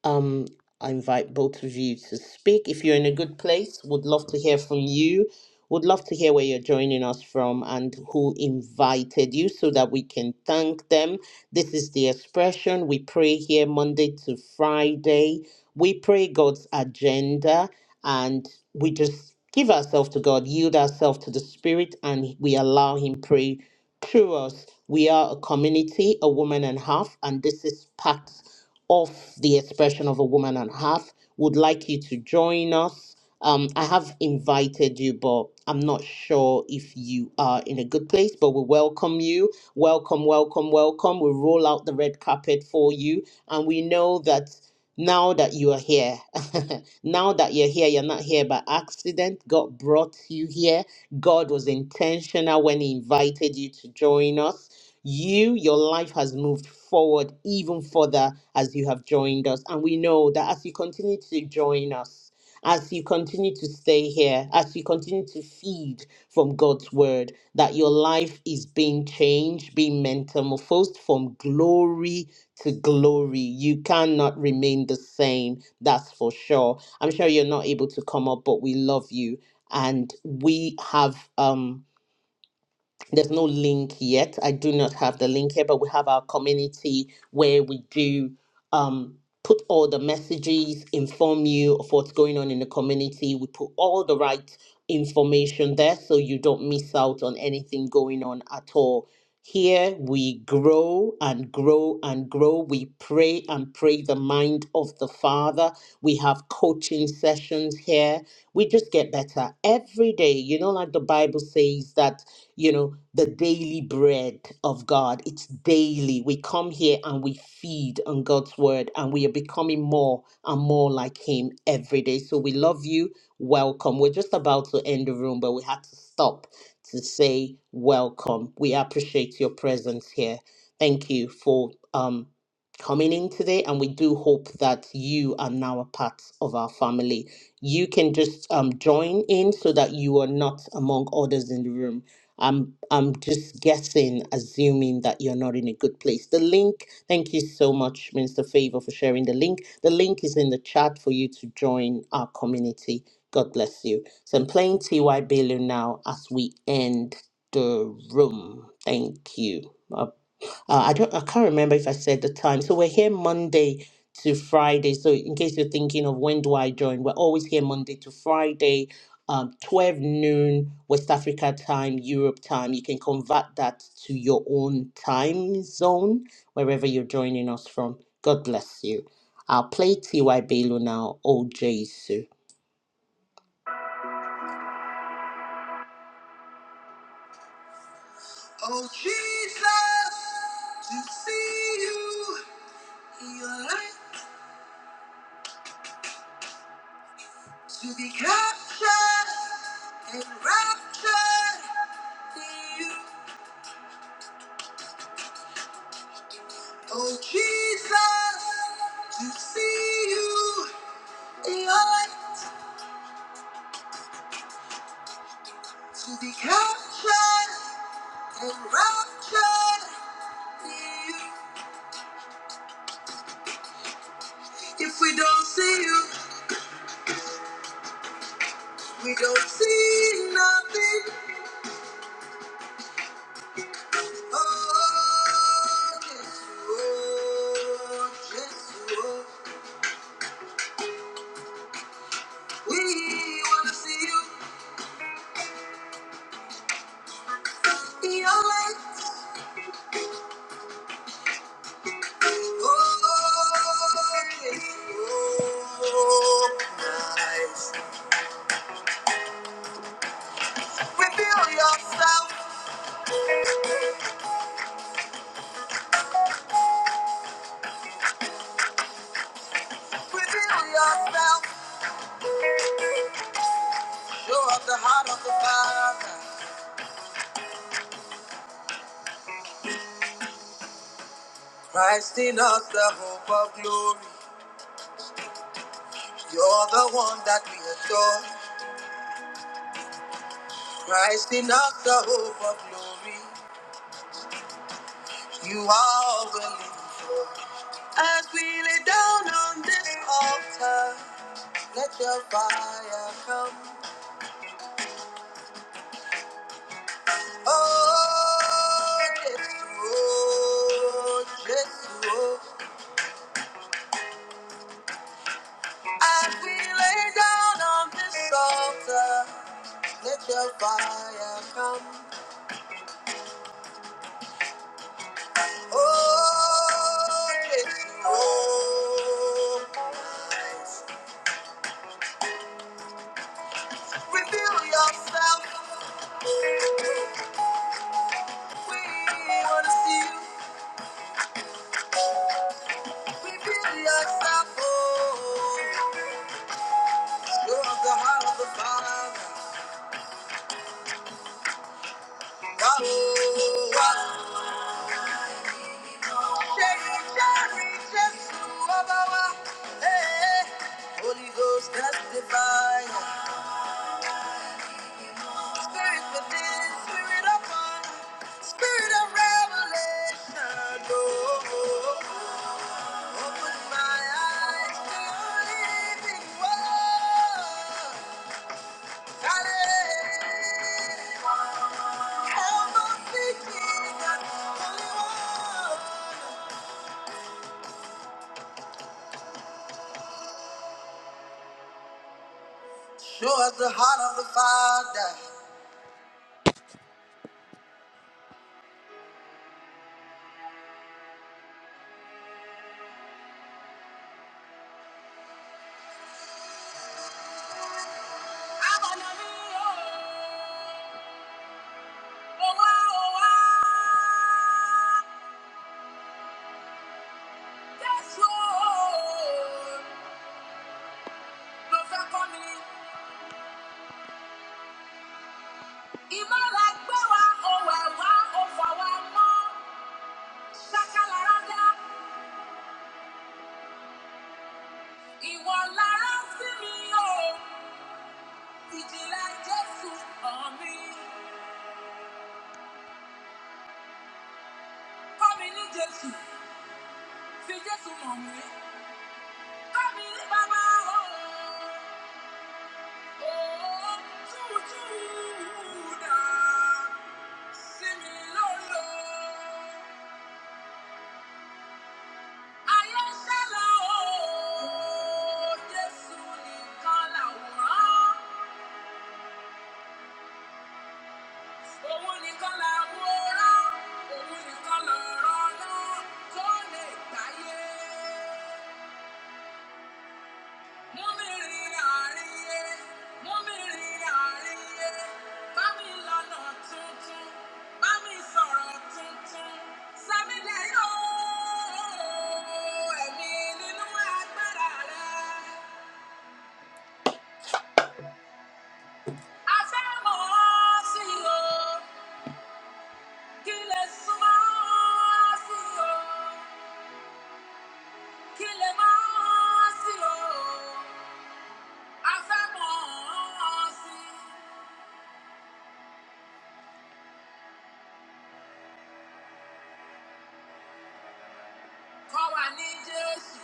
Um, I invite both of you to speak. If you're in a good place, would love to hear from you. Would love to hear where you're joining us from and who invited you so that we can thank them this is the expression we pray here Monday to Friday. We pray God's agenda and we just give ourselves to God, yield ourselves to the Spirit, and we allow Him pray through us. We are a community, a woman and half, and this is part of the expression of a woman and half. Would like you to join us. Um, I have invited you, but I'm not sure if you are in a good place, but we welcome you Welcome, welcome, welcome. We roll out the red carpet for you. And we know that now that you are here, now that you're here, you're not here by accident. God brought you here. God was intentional when He invited you to join us. You, your life has moved forward even further as you have joined us. And we know that as you continue to join us, as you continue to stay here, as you continue to feed from God's word, that your life is being changed, being metamorphosed from glory to glory. You cannot remain the same, that's for sure. I'm sure you're not able to come up, but we love you. And we have um there's no link yet. I do not have the link here, but we have our community where we do um, put all the messages, inform you of what's going on in the community. We put all the right information there so you don't miss out on anything going on at all. Here we grow and grow and grow. We pray and pray the mind of the Father. We have coaching sessions here. We just get better every day. You know, like the Bible says that you know, the daily bread of God. It's daily. We come here and we feed on God's word and we are becoming more and more like Him every day. So we love you. Welcome. We're just about to end the room, but we had to stop to say welcome. We appreciate your presence here. Thank you for um, coming in today, and we do hope that you are now a part of our family. You can just um, join in so that you are not among others in the room I'm I'm just guessing, assuming that you're not in a good place. The link, thank you so much, Minister Favor, for sharing the link. The link is in the chat for you to join our community. God bless you. So I'm playing T.Y. Bailey now as we end the room. Thank you. Uh, I don't, I can't remember if I said the time. So we're here Monday to Friday. So in case you're thinking of when do I join, we're always here Monday to Friday, um, 12 noon West Africa time, Europe time. You can convert that to your own time zone wherever you're joining us from. God bless you. I'll play T.Y. Bailo now, Oh Jesus. Oh Jesus, to see you, your light To be captured and raptured in you. Oh Jesus, to see you in your light. To be captured and raptured in you. If we don't see you, we don't see nothing. Oh, Jesus, oh, Jesus, oh. We wanna see you in your light. Reveal yourself, reveal yourself, show us the heart of the Father. Christ in us, the hope of glory. You're the one that we adore. Christ in us, the hope of glory. You are all we're living for. As we lay down on this altar, let your fire come. Oh, yes, oh, yes, oh. As we lay down on this altar, let your fire come. Oh, yes, oh. Reveal yourself. We want to see you. Reveal yourself. Oh, you're the heart of the Father. Oh, oh. oh. Holy Ghost that's divine. Spirit within, spirit upon, spirit of revelation. Oh, open my eyes to your living word. Hallelujah. Help us see Jesus, Holy One. Show us the heart of the Father. Jésù, fi Jésù mọ̀ mí, kọ́ mi ní bàbá o. Yeah. Kọ́ wa ní Jésù.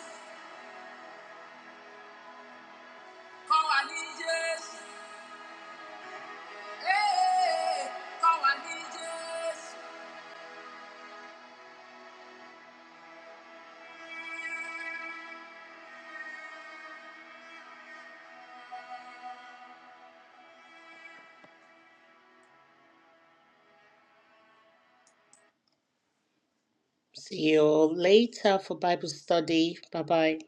See you later for Bible study. Bye bye.